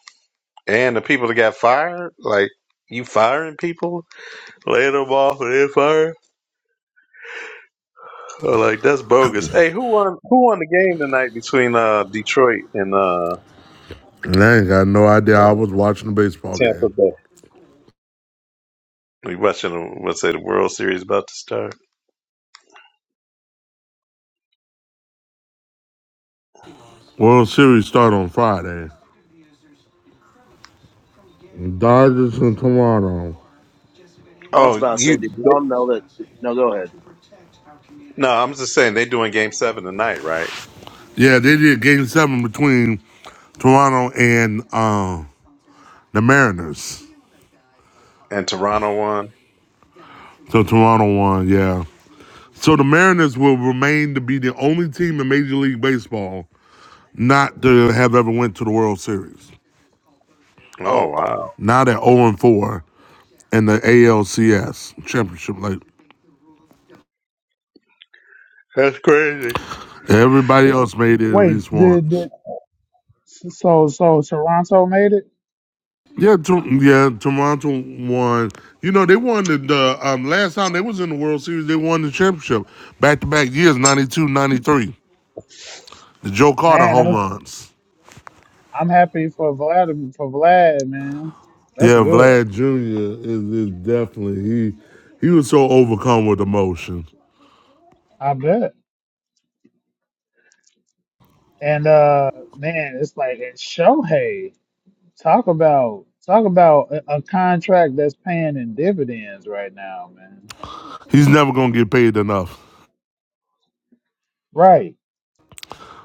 [SPEAKER 3] And the people that got fired, like you firing people, laying them off and then fire, Oh, like that's bogus. Hey, who won? Who won the game tonight between uh Detroit and uh,
[SPEAKER 2] and I ain't got no idea. I
[SPEAKER 3] uh
[SPEAKER 2] was watching a baseball
[SPEAKER 3] Tampa
[SPEAKER 2] game.
[SPEAKER 3] Bay? We watching, the- what's it, the World Series about to start?
[SPEAKER 2] World Series start on Friday. Dodgers and Toronto.
[SPEAKER 1] I was
[SPEAKER 3] Oh,
[SPEAKER 1] about to say,
[SPEAKER 3] you.
[SPEAKER 1] did y'all know that? No, go ahead.
[SPEAKER 3] No, I'm just saying they're doing game seven tonight, right?
[SPEAKER 2] Yeah, they did Game Seven between Toronto and uh, The Mariners.
[SPEAKER 3] And Toronto won.
[SPEAKER 2] So Toronto won, yeah. So the Mariners will remain to be the only team in Major League Baseball not to have ever went to the World Series.
[SPEAKER 3] Oh
[SPEAKER 1] Oh wow.
[SPEAKER 3] wow.
[SPEAKER 2] Now they're 0 and 4 in the ALCS championship. Like
[SPEAKER 3] That's crazy.
[SPEAKER 2] everybody else made it at
[SPEAKER 4] Wait,
[SPEAKER 2] least
[SPEAKER 4] did,
[SPEAKER 2] once.
[SPEAKER 4] did so so Toronto made it?
[SPEAKER 2] Yeah, to, yeah. Toronto won. You know they won the, the um, last time they was in the World Series. They won the championship back to back years, 92, 93. The Joe Carter
[SPEAKER 4] Man,
[SPEAKER 2] home
[SPEAKER 4] I'm,
[SPEAKER 2] runs.
[SPEAKER 4] I'm happy for Vlad for Vlad, man. That's
[SPEAKER 2] Yeah,
[SPEAKER 4] good.
[SPEAKER 2] Vlad Jr. is, is definitely he he was so overcome with emotion.
[SPEAKER 4] I bet. And uh man, it's like it's Shohei. Talk about talk about a, a contract that's paying in dividends right now, man.
[SPEAKER 2] He's never gonna get paid enough.
[SPEAKER 4] Right.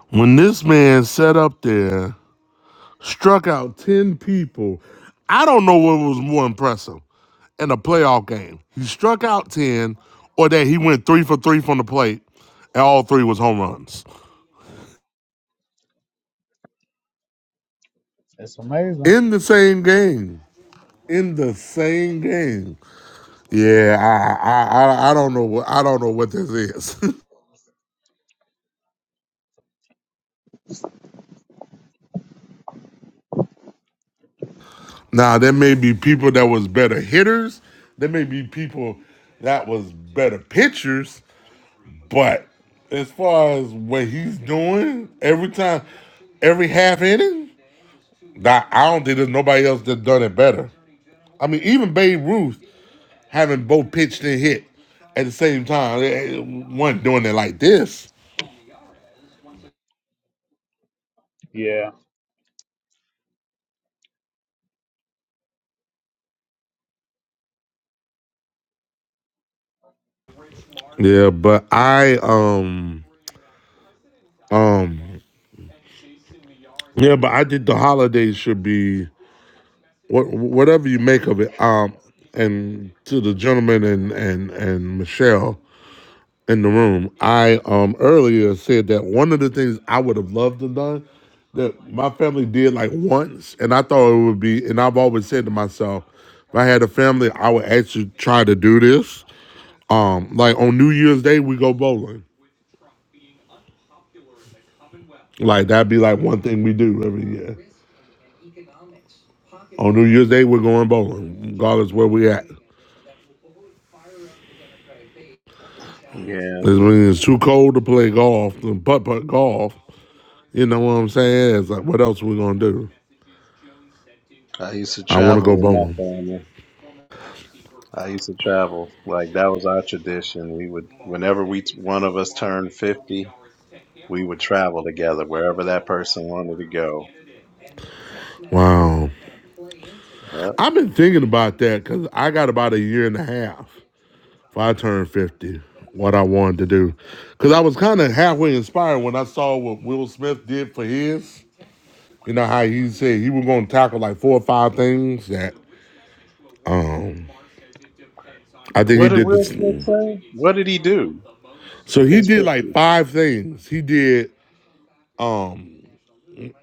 [SPEAKER 2] When this man sat up there, struck out ten people, I don't know what was more impressive in a playoff game. He struck out ten, or that he went three for three from the plate, and all three was home runs.
[SPEAKER 4] It's amazing.
[SPEAKER 2] In the same game. In the same game. Yeah, I I I, I don't know what I don't know what this is. Now there may be people that was better hitters. There may be people that was better pitchers. But as far as what he's doing, every time, every half inning, that I don't think there's nobody else that done it better. I mean, even Babe Ruth having both pitched and hit at the same time, eh, eh, wasn't doing it like this.
[SPEAKER 4] Yeah.
[SPEAKER 2] Yeah, but I um um yeah, but I think the holidays should be what, whatever you make of it. Um, and to the gentleman and and and Michelle in the room, I um earlier said that one of the things I would have loved to done that my family did like once, and I thought it would be, and I've always said to myself, if I had a family, I would actually try to do this. Um, like on New Year's Day, we go bowling. Like that'd be like one thing we do every year. On New Year's Day, we're going bowling, regardless where we at.
[SPEAKER 3] Yeah.
[SPEAKER 2] This it's too cold to play golf, and putt putt golf. You know what I'm saying? It's like, what else are we gonna do?
[SPEAKER 3] I used to
[SPEAKER 2] I want to go
[SPEAKER 3] travel with my
[SPEAKER 2] bowling.
[SPEAKER 3] family. I used to travel. Like that was our tradition. We would whenever we one of us turned fifty, we would travel together wherever that person wanted to go.
[SPEAKER 2] Wow,
[SPEAKER 3] Yep.
[SPEAKER 2] I've been thinking about that because I got about a year and a half if I turned 50. What I wanted to do, because I was kind of halfway inspired when I saw what Will Smith did for his. You know how he said he was gonna tackle like four or five things that um, I think
[SPEAKER 3] What
[SPEAKER 2] he
[SPEAKER 3] did
[SPEAKER 2] did
[SPEAKER 3] Will
[SPEAKER 2] this.
[SPEAKER 3] Smith say? What did he do?
[SPEAKER 2] So
[SPEAKER 3] for
[SPEAKER 2] he
[SPEAKER 3] His
[SPEAKER 2] did like
[SPEAKER 3] fifty.
[SPEAKER 2] five things. He did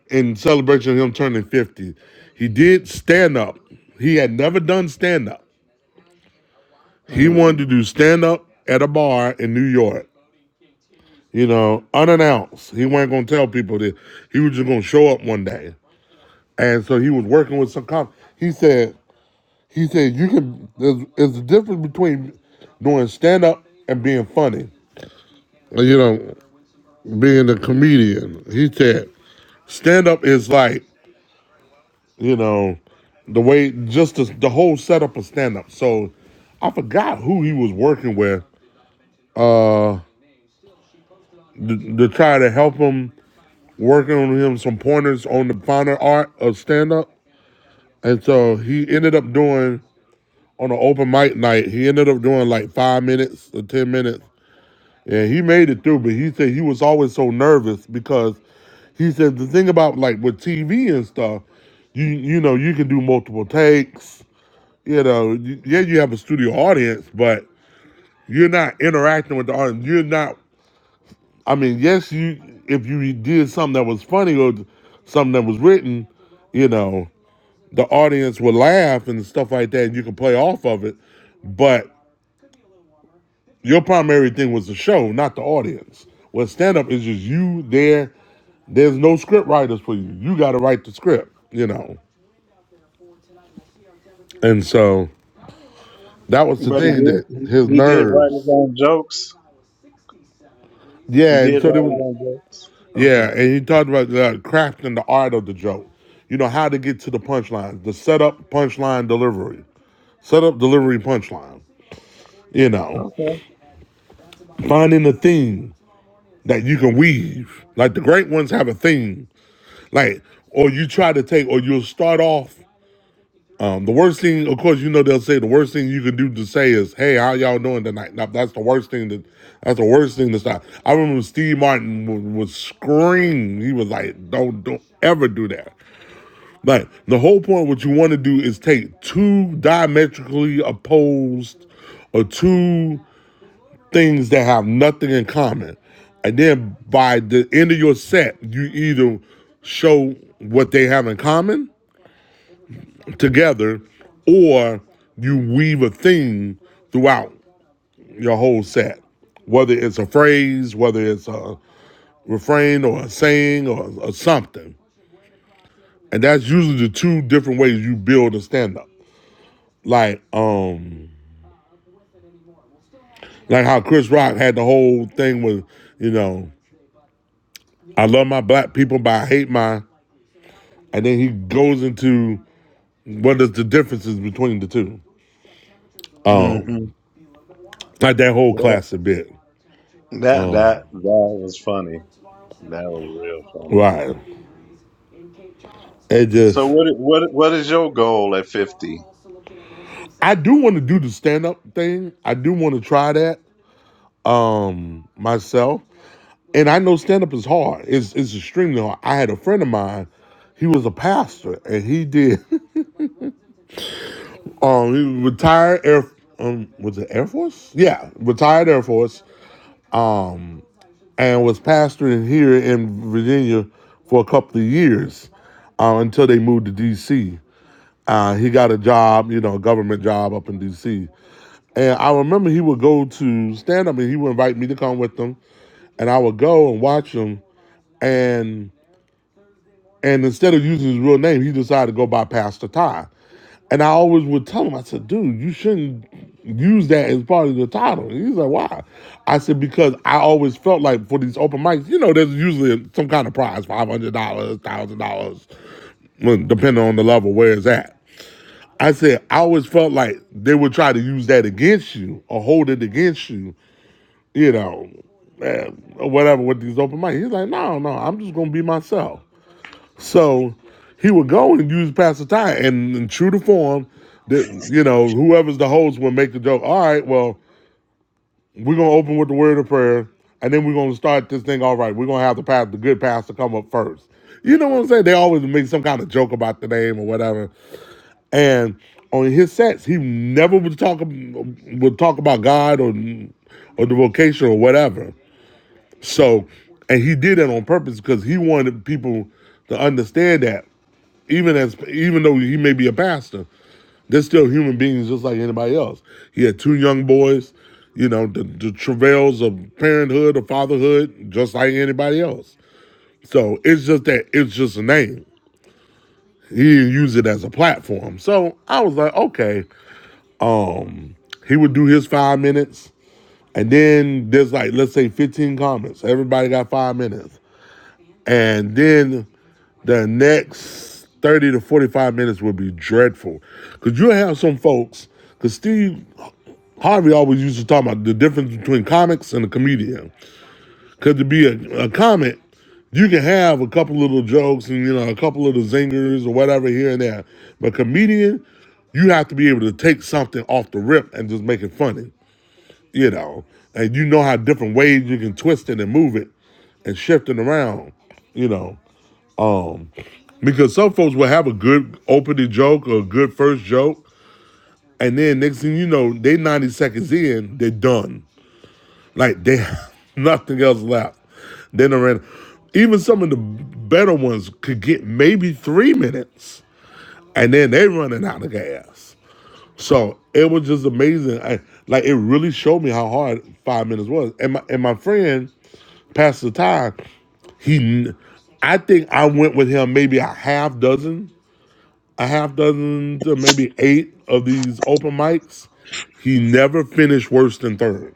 [SPEAKER 2] in celebration of him turning 50. He did stand up. He had never done stand up. He
[SPEAKER 3] Mm.
[SPEAKER 2] wanted to do stand up at a bar in New York, you know, unannounced. He wasn't going to tell people that he was just going to show up one day. And so he was working with some comics. He said, he said, you can, there's, there's a difference between doing stand up and being funny, you know, being a comedian. He said, stand up is like you know, the way just the, the whole setup of stand up. So I forgot who he was working with uh to, to try to help him working on him some pointers on the finer art of stand up. And so he ended up doing on an open mic night, he ended up doing like five minutes or ten minutes. And he made it through, but he said he was always so nervous because he said the thing about like with TV and stuff, you you know, you can do multiple takes you know, yeah, you have a studio audience, but you're not interacting with the audience. You're not. I mean, yes, you if you did something that was funny or something that was written, you know, the audience would laugh and stuff like that, and you can play off of it. But your primary thing was the show, not the audience. Well, stand up is just you there. There's no script writers for you. You got to write the script, you know. And so that was the
[SPEAKER 3] But he
[SPEAKER 2] thing
[SPEAKER 3] did
[SPEAKER 2] that
[SPEAKER 3] he,
[SPEAKER 2] his
[SPEAKER 3] he did write his
[SPEAKER 2] nerves.
[SPEAKER 3] own jokes. He
[SPEAKER 2] Yeah,
[SPEAKER 3] did
[SPEAKER 2] and
[SPEAKER 3] write
[SPEAKER 2] so there
[SPEAKER 3] his
[SPEAKER 2] was
[SPEAKER 3] own jokes. Okay.
[SPEAKER 2] Yeah, and you talked about the craft and the art of the joke. You know how to get to the punchline, the setup, punchline, delivery, setup, delivery, punchline. You know,
[SPEAKER 3] Okay.
[SPEAKER 2] finding a theme that you can weave. Like the great ones have a theme. Like, or you try to take, or you'll start off. Um, the worst thing, of course, you know they'll say the worst thing you can do to say is, "Hey, how y'all doing tonight?" Now that's the worst thing. That that's the worst thing to stop. I remember Steve Martin would, would scream. He was like, "Don't don't ever do that." Like the whole point, what you want to do is take two diametrically opposed or two things that have nothing in common, and then by the end of your set, you either show what they have in common together, or you weave a theme throughout your whole set, whether it's a phrase, whether it's a refrain or a saying or, or something. And that's usually the two different ways you build a stand up. like um like how Chris Rock had the whole thing with you know I love my black people but I hate my and then he goes into what is the differences between the two um like that whole
[SPEAKER 3] hmm
[SPEAKER 2] classic bit
[SPEAKER 3] That that that
[SPEAKER 2] um
[SPEAKER 3] was funny. That was real funny.
[SPEAKER 2] right it
[SPEAKER 3] So
[SPEAKER 2] just
[SPEAKER 3] what what what is your goal at fifty?
[SPEAKER 2] I do want to do the stand up thing I do want to try that um myself and I know stand up is hard it's it's extremely hard I had a friend of mine he was a pastor and he did Um, retired Air um was it Air Force? Yeah, retired Air Force. Um, and was pastoring here in Virginia for a couple of years, uh, until they moved to D.C. Uh, he got a job, you know, a government job up in D.C. And I remember he would go to stand up, and he would invite me to come with him, and I would go and watch him, and and instead of using his real name, he decided to go by Pastor Ty. And I always would tell him, I said, dude, you shouldn't use that as part of the title. And he's like, why? I said, because I always felt like for these open mics, you know, there's usually some kind of prize, $500, $1,000, well, depending on the level where it's at. I said, I always felt like they would try to use that against you or hold it against you, you know, eh, or whatever with these open mics. He's like, no, no, I'm just going to be myself. So he would go and use Pastor Ty, and, and true to form, that you know whoever's the host would make the joke. All right, well we're gonna open with the word of prayer, and then we're gonna start this thing. All right, we're gonna have the pastor, the good pastor, come up first. You know what I'm saying? They always make some kind of joke about the name or whatever. And on his sets, he never would talk would talk about God or or the vocation or whatever. So, and he did that on purpose because he wanted people to understand that, even as even though he may be a pastor, they're still human beings just like anybody else. He had two young boys, you know, the, the travails of parenthood or fatherhood, just like anybody else. So it's just that it's just a name. He didn't use it as a platform. So I was like, okay. Um, he would do his five minutes, and then there's like let's say 15 comments. Everybody got five minutes and then the next 30 to 45 minutes will be dreadful because you'll have some folks because steve harvey always used to talk about the difference between comics and a comedian because to be a, a comic you can have a couple little jokes and you know a couple of the zingers or whatever here and there but comedian you have to be able to take something off the rip and just make it funny you know and you know how different ways you can twist it and move it and shift it around you know um, because some folks will have a good opening joke or a good first joke, and then next thing you know, they 90 seconds in, they're done. Like they have nothing else left. Then around even some of the better ones could get maybe three minutes, and then they are running out of gas. So it was just amazing. I, like it really showed me how hard five minutes was. And my and my friend, Pastor Ty, he, I think I went with him maybe a half dozen a half dozen to maybe eight of these open mics. He never finished worse than third.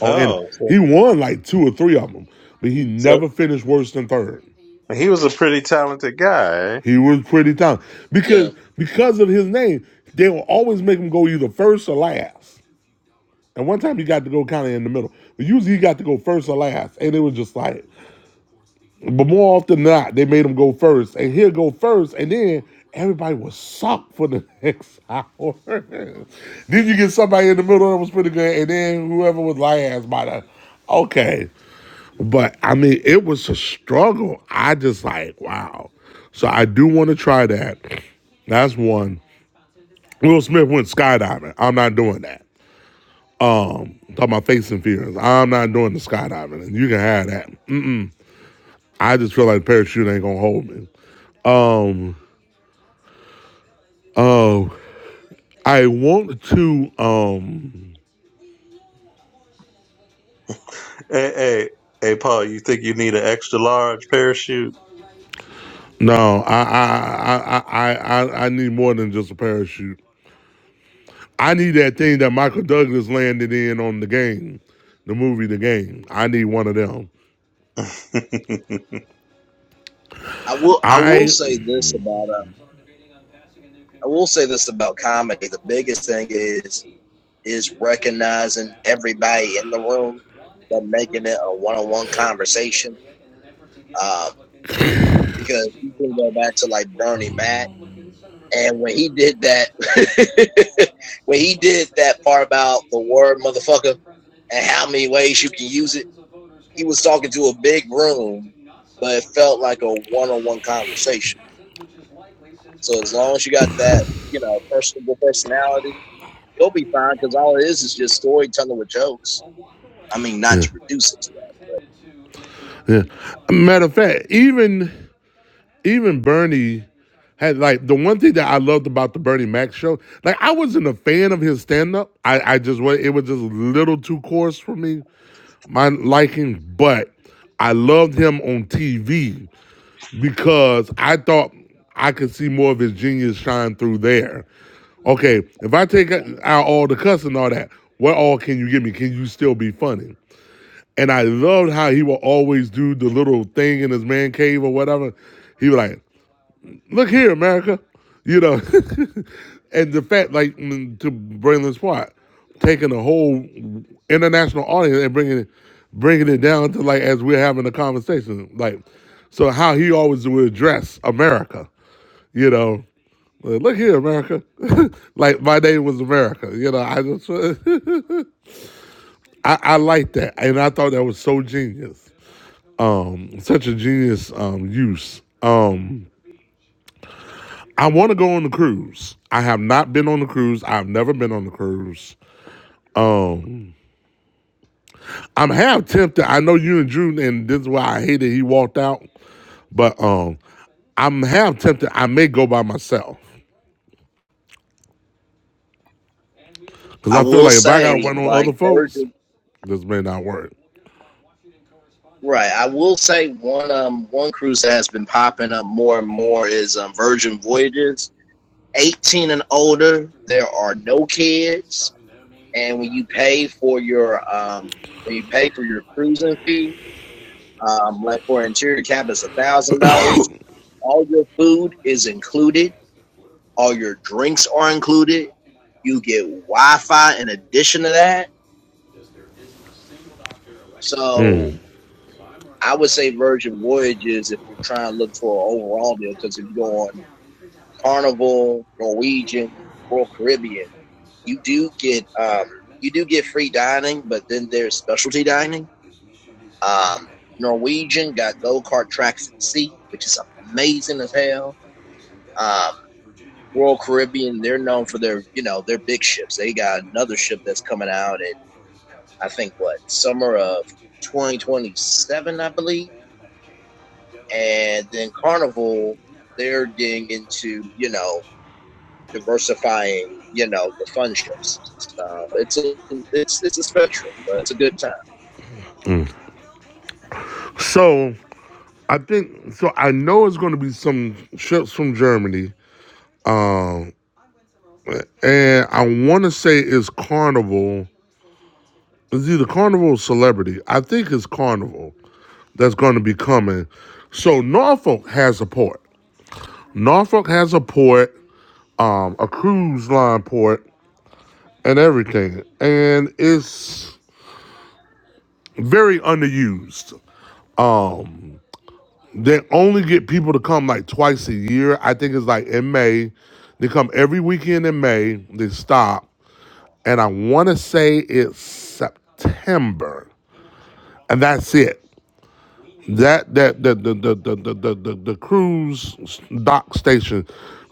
[SPEAKER 2] Oh, and
[SPEAKER 3] Oh, so
[SPEAKER 2] he won like two or three of them, but he
[SPEAKER 3] so
[SPEAKER 2] never finished worse than third.
[SPEAKER 3] he was a pretty talented guy. eh?
[SPEAKER 2] He was pretty talented
[SPEAKER 1] Yeah,
[SPEAKER 2] because because of his name, they will always make him go either first or last. And one time he got to go kind of in the middle, but usually he got to go first or last, and it was just like But more often than not, they made him go first, and he'll go first, and then everybody was sucked for the next hour. then you get somebody in the middle that was pretty good, and then whoever was last by the okay. But I mean, it was a struggle. I just like wow. So I do want to try that. That's one. Will Smith went skydiving. I'm not doing that. I'm talking about face and fears. I'm not doing the skydiving, and you can have that. Mm, I just feel like the parachute ain't gonna hold me. Um. Oh, I want to. Um,
[SPEAKER 3] Hey hey hey, Paul, you think you need an extra large parachute?
[SPEAKER 2] no, I, I, I, I, I, I I need more than just a parachute. I need that thing that Michael Douglas landed in on the game, the movie, the game. I need one of them.
[SPEAKER 3] I,
[SPEAKER 1] I will. I will
[SPEAKER 2] I
[SPEAKER 1] say this about. Uh, I will say this about comedy. The biggest thing is is recognizing everybody in the room, but making it a one on one conversation. Um, because you can go back to like Bernie Mac, and when he did that, when he did that part about the word motherfucker and how many ways you can use it he was talking to a big room, but it felt like a one-on-one conversation. So as long as you got that, you know, personable personality, you'll be fine because all it is is just storytelling with jokes. I mean, not
[SPEAKER 2] Yeah.
[SPEAKER 1] to reduce it to
[SPEAKER 2] Yeah. Matter of fact, even even Bernie had like the one thing that I loved about the Bernie Mac show. Like I wasn't a fan of his stand up. I I just wa- it was just a little too coarse for me, my liking. But I loved him on TV because I thought I could see more of his genius shine through there. Okay, if I take out all the cuss and all that, what all can you give me? Can you still be funny? And I loved how he would always do the little thing in his man cave or whatever. He was like, look here, America. You know, and the fact, like, mm, to Braylon's part, taking the whole international audience and bringing it, bringing it down to, like, as we're having a conversation. Like, so how he always would address America, you know. Like, Look here, America. like my name was America. You know, I just I, I like that, and I thought that was so genius um, such a genius um, use. Um, I want to go on the cruise. I have not been on the cruise. I've never been on the cruise. Um, I'm half tempted. I know you and Drew, and this is why I hated he walked out. But um, I'm half tempted. I may go by myself because
[SPEAKER 1] that. I
[SPEAKER 2] I feel
[SPEAKER 1] will
[SPEAKER 2] like if I gotta
[SPEAKER 1] say,
[SPEAKER 2] wait on
[SPEAKER 1] like
[SPEAKER 2] other folks,
[SPEAKER 1] Virgil,
[SPEAKER 2] this may not work.
[SPEAKER 1] right? I will say one um one cruise that has been popping up more and more is um, Virgin Voyages. 18 and older, there are no kids, and when you pay for your um when you pay for your cruising fee, Um, like for interior cab is a thousand dollars. All your food is included.
[SPEAKER 2] we
[SPEAKER 1] All your drinks are included. You get Wi-Fi in addition to that. So
[SPEAKER 2] Mm.
[SPEAKER 1] I would say Virgin Voyages if you're trying to look for an overall deal. Because if you go on Carnival, Norwegian, Royal Caribbean, you do get um, you do get free dining, but then there's specialty dining. Um, Norwegian got go kart tracks at sea, which is amazing as hell. Um, Royal Caribbean, they're known for their, you know, their big ships. They got another ship that's coming out in I think what summer of 2027, I believe. And then Carnival, they're getting into, you know, diversifying, you know, the fun ships. So it's a it's it's a spectrum, but it's a good time.
[SPEAKER 2] So I think so. I know it's going to be some ships from Germany, um, and I want to say it's Carnival. It's either Carnival or Celebrity. I think it's Carnival that's going to be coming. So Norfolk has a port. Norfolk has a port, um, a cruise line port, and everything. And it's very underused. Um, they only get people to come like twice a year. I think it's like in May. They come every weekend in May. They stop, and I want to say it's September, and that's it. That that the the the the the the, the, the cruise dock station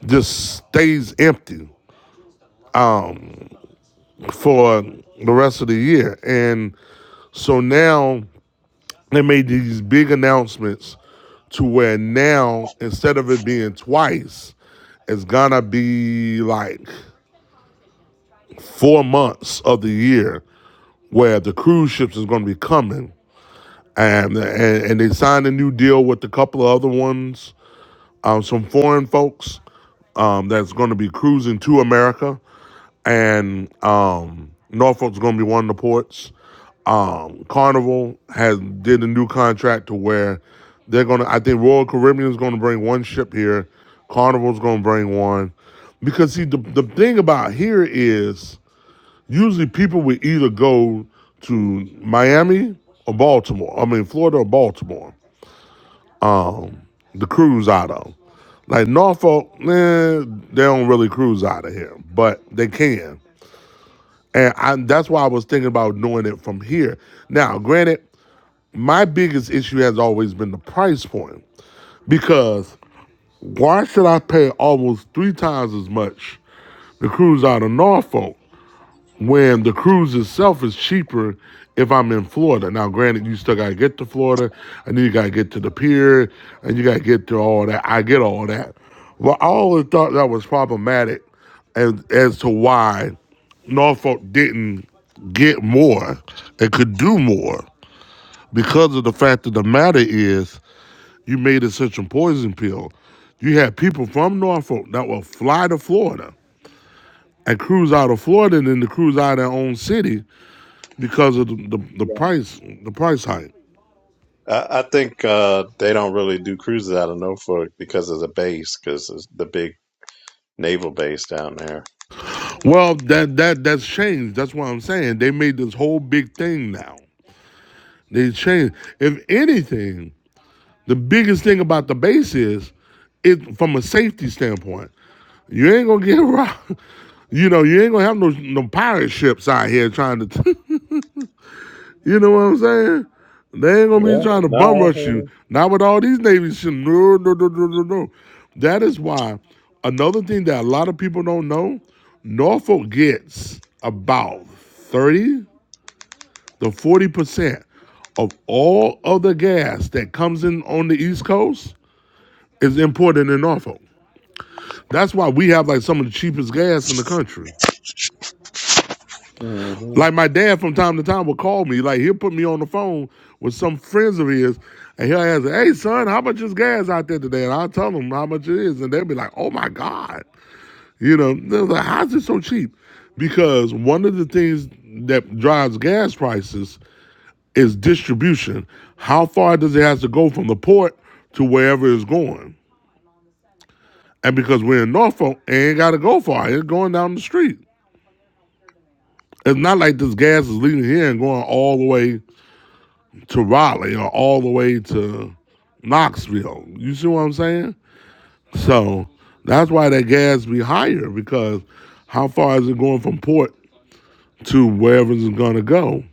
[SPEAKER 2] just stays empty for the rest of the year, and so now they made these big announcements to where now instead of it being twice, it's gonna be like four months of the year where the cruise ships is gonna be coming, and and, and they signed a new deal with a couple of other ones, um, some foreign folks um, that's gonna be cruising to America and um, Norfolk's going to be one of the ports. Um, Carnival has did a new contract to where they're going to. I think Royal Caribbean is going to bring one ship here. Carnival's going to bring one because see the the thing about here is usually people would either go to Miami or Baltimore. I mean Florida or Baltimore. Um, the cruise out of. Like Norfolk, eh, they don't really cruise out of here, but they can. And I, that's why I was thinking about doing it from here. Now, granted, my biggest issue has always been the price point because why should I pay almost three times as much to cruise out of Norfolk when the cruise itself is cheaper if I'm in Florida. Now, granted, you still gotta get to Florida, and then you gotta get to the pier, and you gotta get to all that. I get all that, but I always thought that was problematic, as as to why Norfolk didn't get more and could do more because of the fact that the matter is you made it such a poison pill. You had people from Norfolk that will fly to Florida and cruise out of Florida and then to cruise out of their own city because of the, the, the
[SPEAKER 1] Yeah.
[SPEAKER 2] price the price hike.
[SPEAKER 3] I think uh, they don't really do cruises out of Norfolk because of the base, because it's the big naval base down there.
[SPEAKER 2] Well, that that that's changed. That's what I'm saying. They made this whole big thing now. They changed. If anything, the biggest thing about the base is it from a safety standpoint. You ain't gonna get robbed. You know, you ain't gonna have no no pirate ships out here trying to t- You know what I'm saying? They ain't gonna be
[SPEAKER 3] Yeah,
[SPEAKER 2] trying to bum
[SPEAKER 3] no, I
[SPEAKER 2] rush you.
[SPEAKER 3] hear
[SPEAKER 2] Not with all these Navy shit. No, no, no, no, no, no. That is why another thing that a lot of people don't know, Norfolk gets about 30 to 40 percent of all other gas that comes in on the East Coast is imported in Norfolk. That's why we have like some of the cheapest gas in the country.
[SPEAKER 3] you. hmm
[SPEAKER 2] Like my dad from time to time would call me. Like he'll put me on the phone with some friends of his and he'll ask, Hey son, how much is gas out there today? And I'll tell them how much it is. And they'll be like, Oh my God. You know, they're like, How's it so cheap? Because one of the things that drives gas prices is distribution. How far does it have to go from the port to wherever it's going? And because we're in Norfolk, it ain't gotta go far. It's going down the street. It's not like this gas is leaving here and going all the way to Raleigh or all the way to Knoxville. You see what I'm saying? So that's why that gas be higher because how far is it going from port to wherever it's gonna go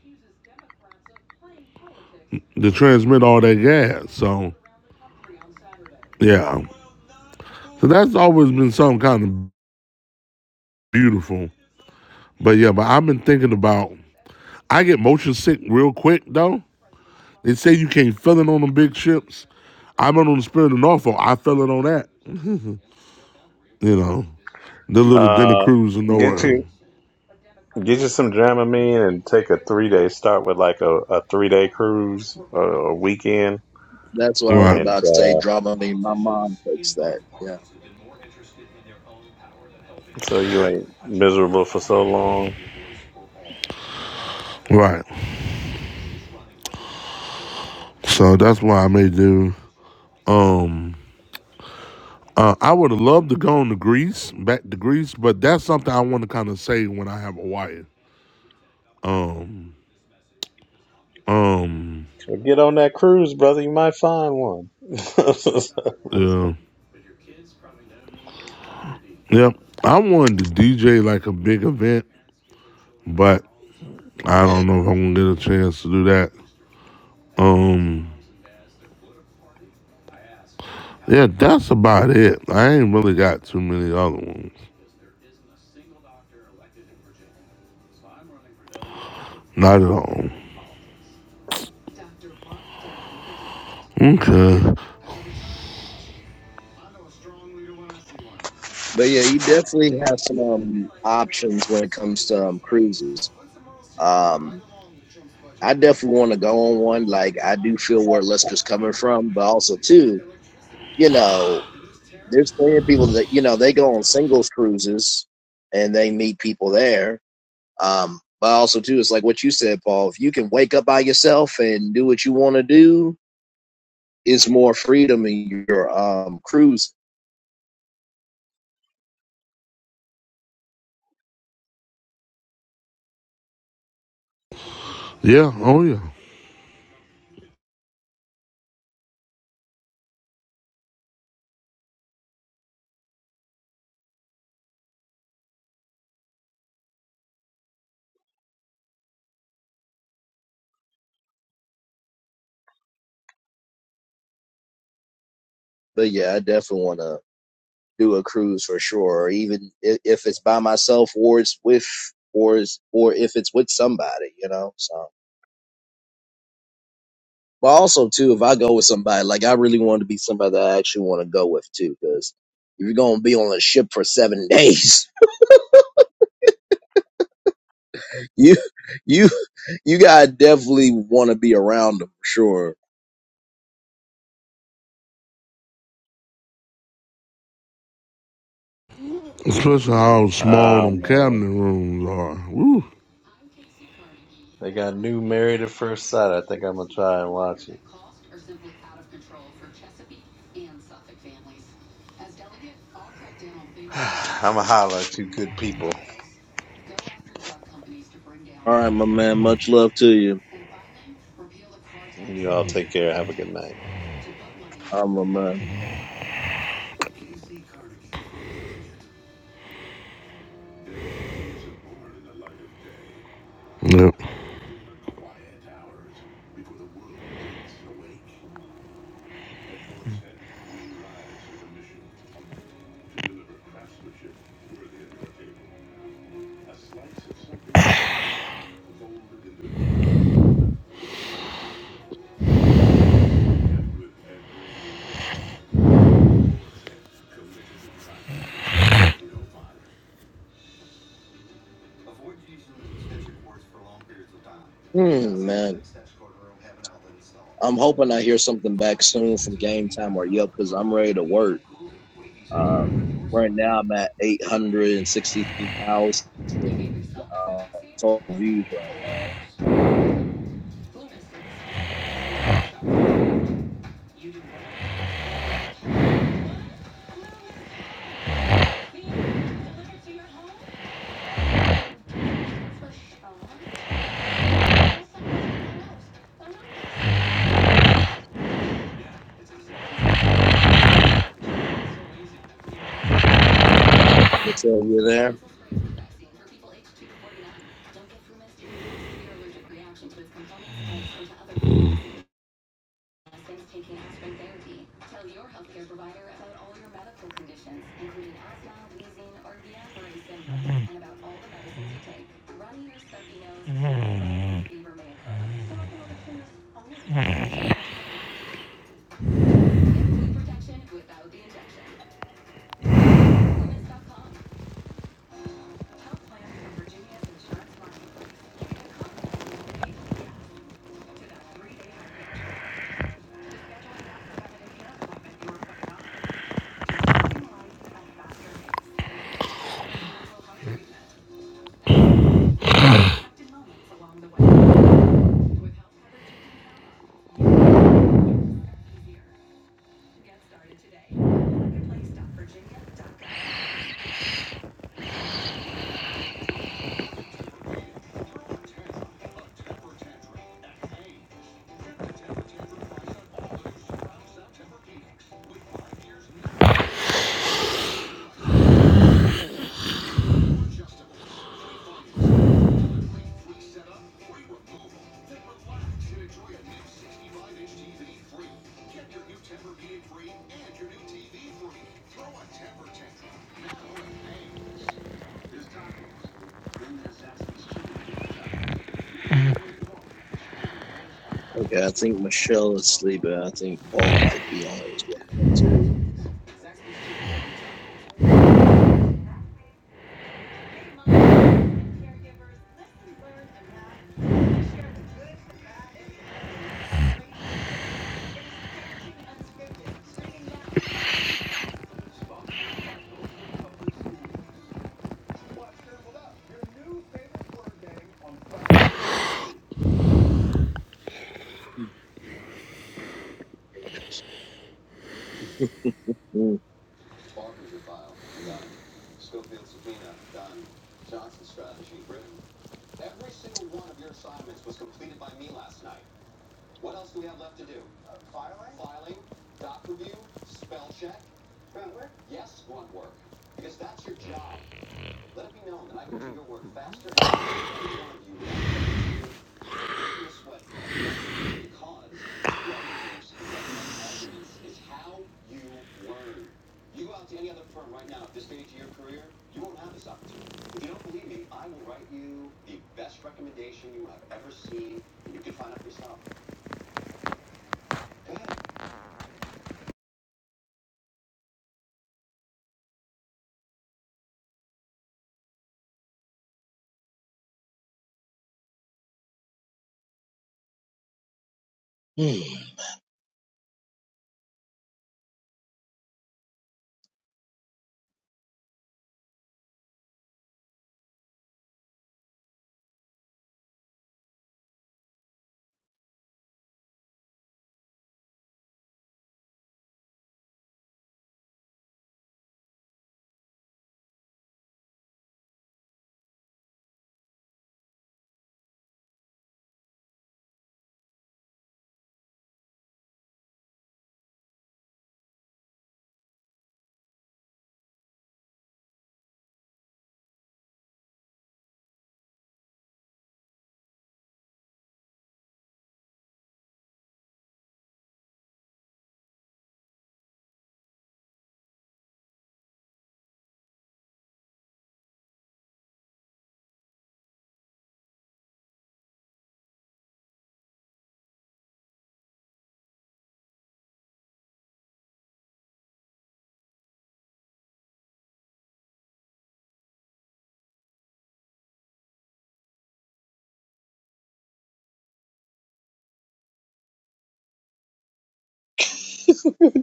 [SPEAKER 2] to transmit all that gas? So yeah, so that's always been something kind of beautiful. But yeah, but I've been thinking about. I get motion sick real quick though. They say you can't feel it on them big ships. I've been on the Spirit of Norfolk. I feel it on that. You know, the little dinner
[SPEAKER 3] Uh,
[SPEAKER 2] cruise or
[SPEAKER 3] get you.
[SPEAKER 2] nowhere.
[SPEAKER 3] Get you some Dramamine and take a three day. Start with like a, a three day cruise, a, a weekend,
[SPEAKER 1] That's what I was
[SPEAKER 2] Right,
[SPEAKER 3] and
[SPEAKER 1] about to say.
[SPEAKER 3] uh,
[SPEAKER 1] Drama. I mean, my mom takes that. Yeah.
[SPEAKER 3] so you ain't miserable for so long.
[SPEAKER 2] right. So that's why I may do. Um, uh, I would have loved to go to Greece, back to Greece, but that's something I want to kind of say when I have a wife. Um, um,
[SPEAKER 3] But get on that cruise, brother. You might find one.
[SPEAKER 2] yeah, yeah. I wanted to DJ like a big event, but I don't know if I'm gonna get a chance to do that. Um, yeah, that's about it. I ain't really got too many other ones. Not at all. Okay.
[SPEAKER 1] But yeah, you definitely have some um, options when it comes to um, cruises. Um, I definitely want to go on one. Like I do feel where Lester's coming from, but also too, you know, there's plenty of people that you know they go on singles cruises and they meet people there. Um, but also too, it's like what you said, Paul. If you can wake up by yourself and do what you want to do, it's more freedom in your um cruise.
[SPEAKER 2] Yeah, oh yeah.
[SPEAKER 1] But yeah, I definitely want to do a cruise for sure. even if, if it's by myself, or it's with, or is, or if it's with somebody, you know. So. But also too, if I go with somebody, like I really want to be somebody that I actually want to go with too, because if you're gonna be on a ship for seven days, you you you gotta definitely want to be around them for sure.
[SPEAKER 2] Especially how small
[SPEAKER 3] Ah
[SPEAKER 2] them
[SPEAKER 3] man,
[SPEAKER 2] cabinet rooms are. Woo.
[SPEAKER 3] they got new Married at First Sight. I think I'm gonna try and watch it. I'm gonna holler at you, good people.
[SPEAKER 1] All right, my man. Much love to you.
[SPEAKER 3] You all take care. Have a good night.
[SPEAKER 1] I'm a man.
[SPEAKER 2] Yep.
[SPEAKER 1] Hmm, man. I'm hoping I hear something back soon from Game Time or Yelp because I'm ready to work. Uh, right now I'm at eight hundred and sixty-three thousand uh, total views right now. What's up? You there? Okay, I think Michelle is sleeping. I think Paul might be on it as well too. Mm. Mm.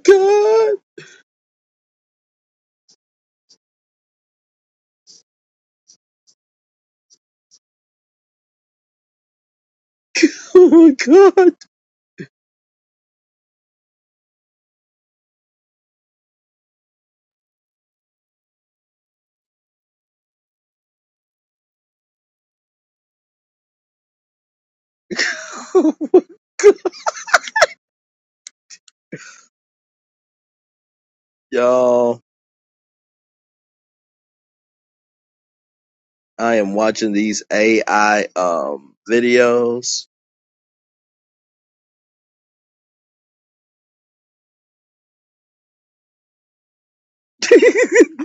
[SPEAKER 1] God, oh my God, y'all! I am watching these AI um videos.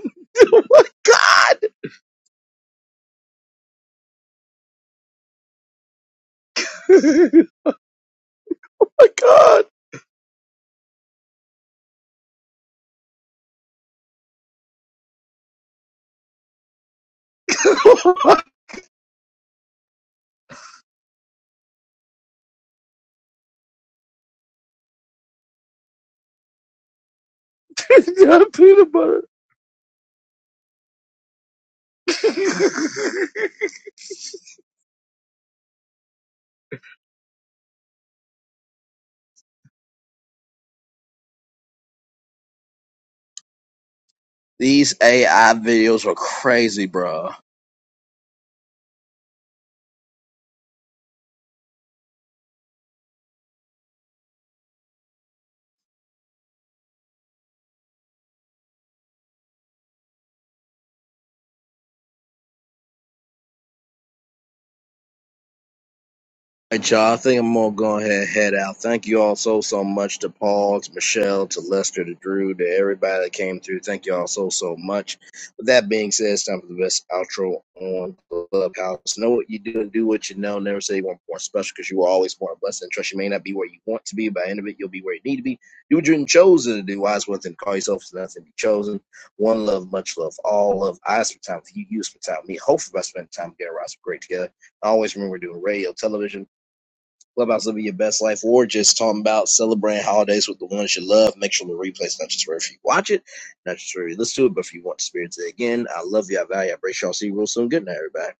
[SPEAKER 1] These AI videos are crazy, bro. All right, y'all. I think I'm gonna go ahead and head out. Thank you all so so much to Paul, to Michelle, to Lester, to Drew, to everybody that came through. Thank you all so so much. With that being said, it's time for the best outro on Clubhouse. Know what you do and do what you know. Never say you want more special because you were always more blessed. And trust you may not be where you want to be. By the end of it, you'll be where you need to be. Do what you're chosen to do. Wise one thing. Call yourself to nothing. Be chosen. One love, much love, all love. I spend time with you. You spend time with me. Hopefully, I spend time together. I great together. Always remember we're doing radio, television Clubhouse living your best life, or just talking about celebrating holidays with the ones you love. Make sure the replay's not just for if you watch it, not just for if you listen to it, but if you want to experience it again. I love you. I value. you, I appreciate y'all. See you real soon. Good night, everybody.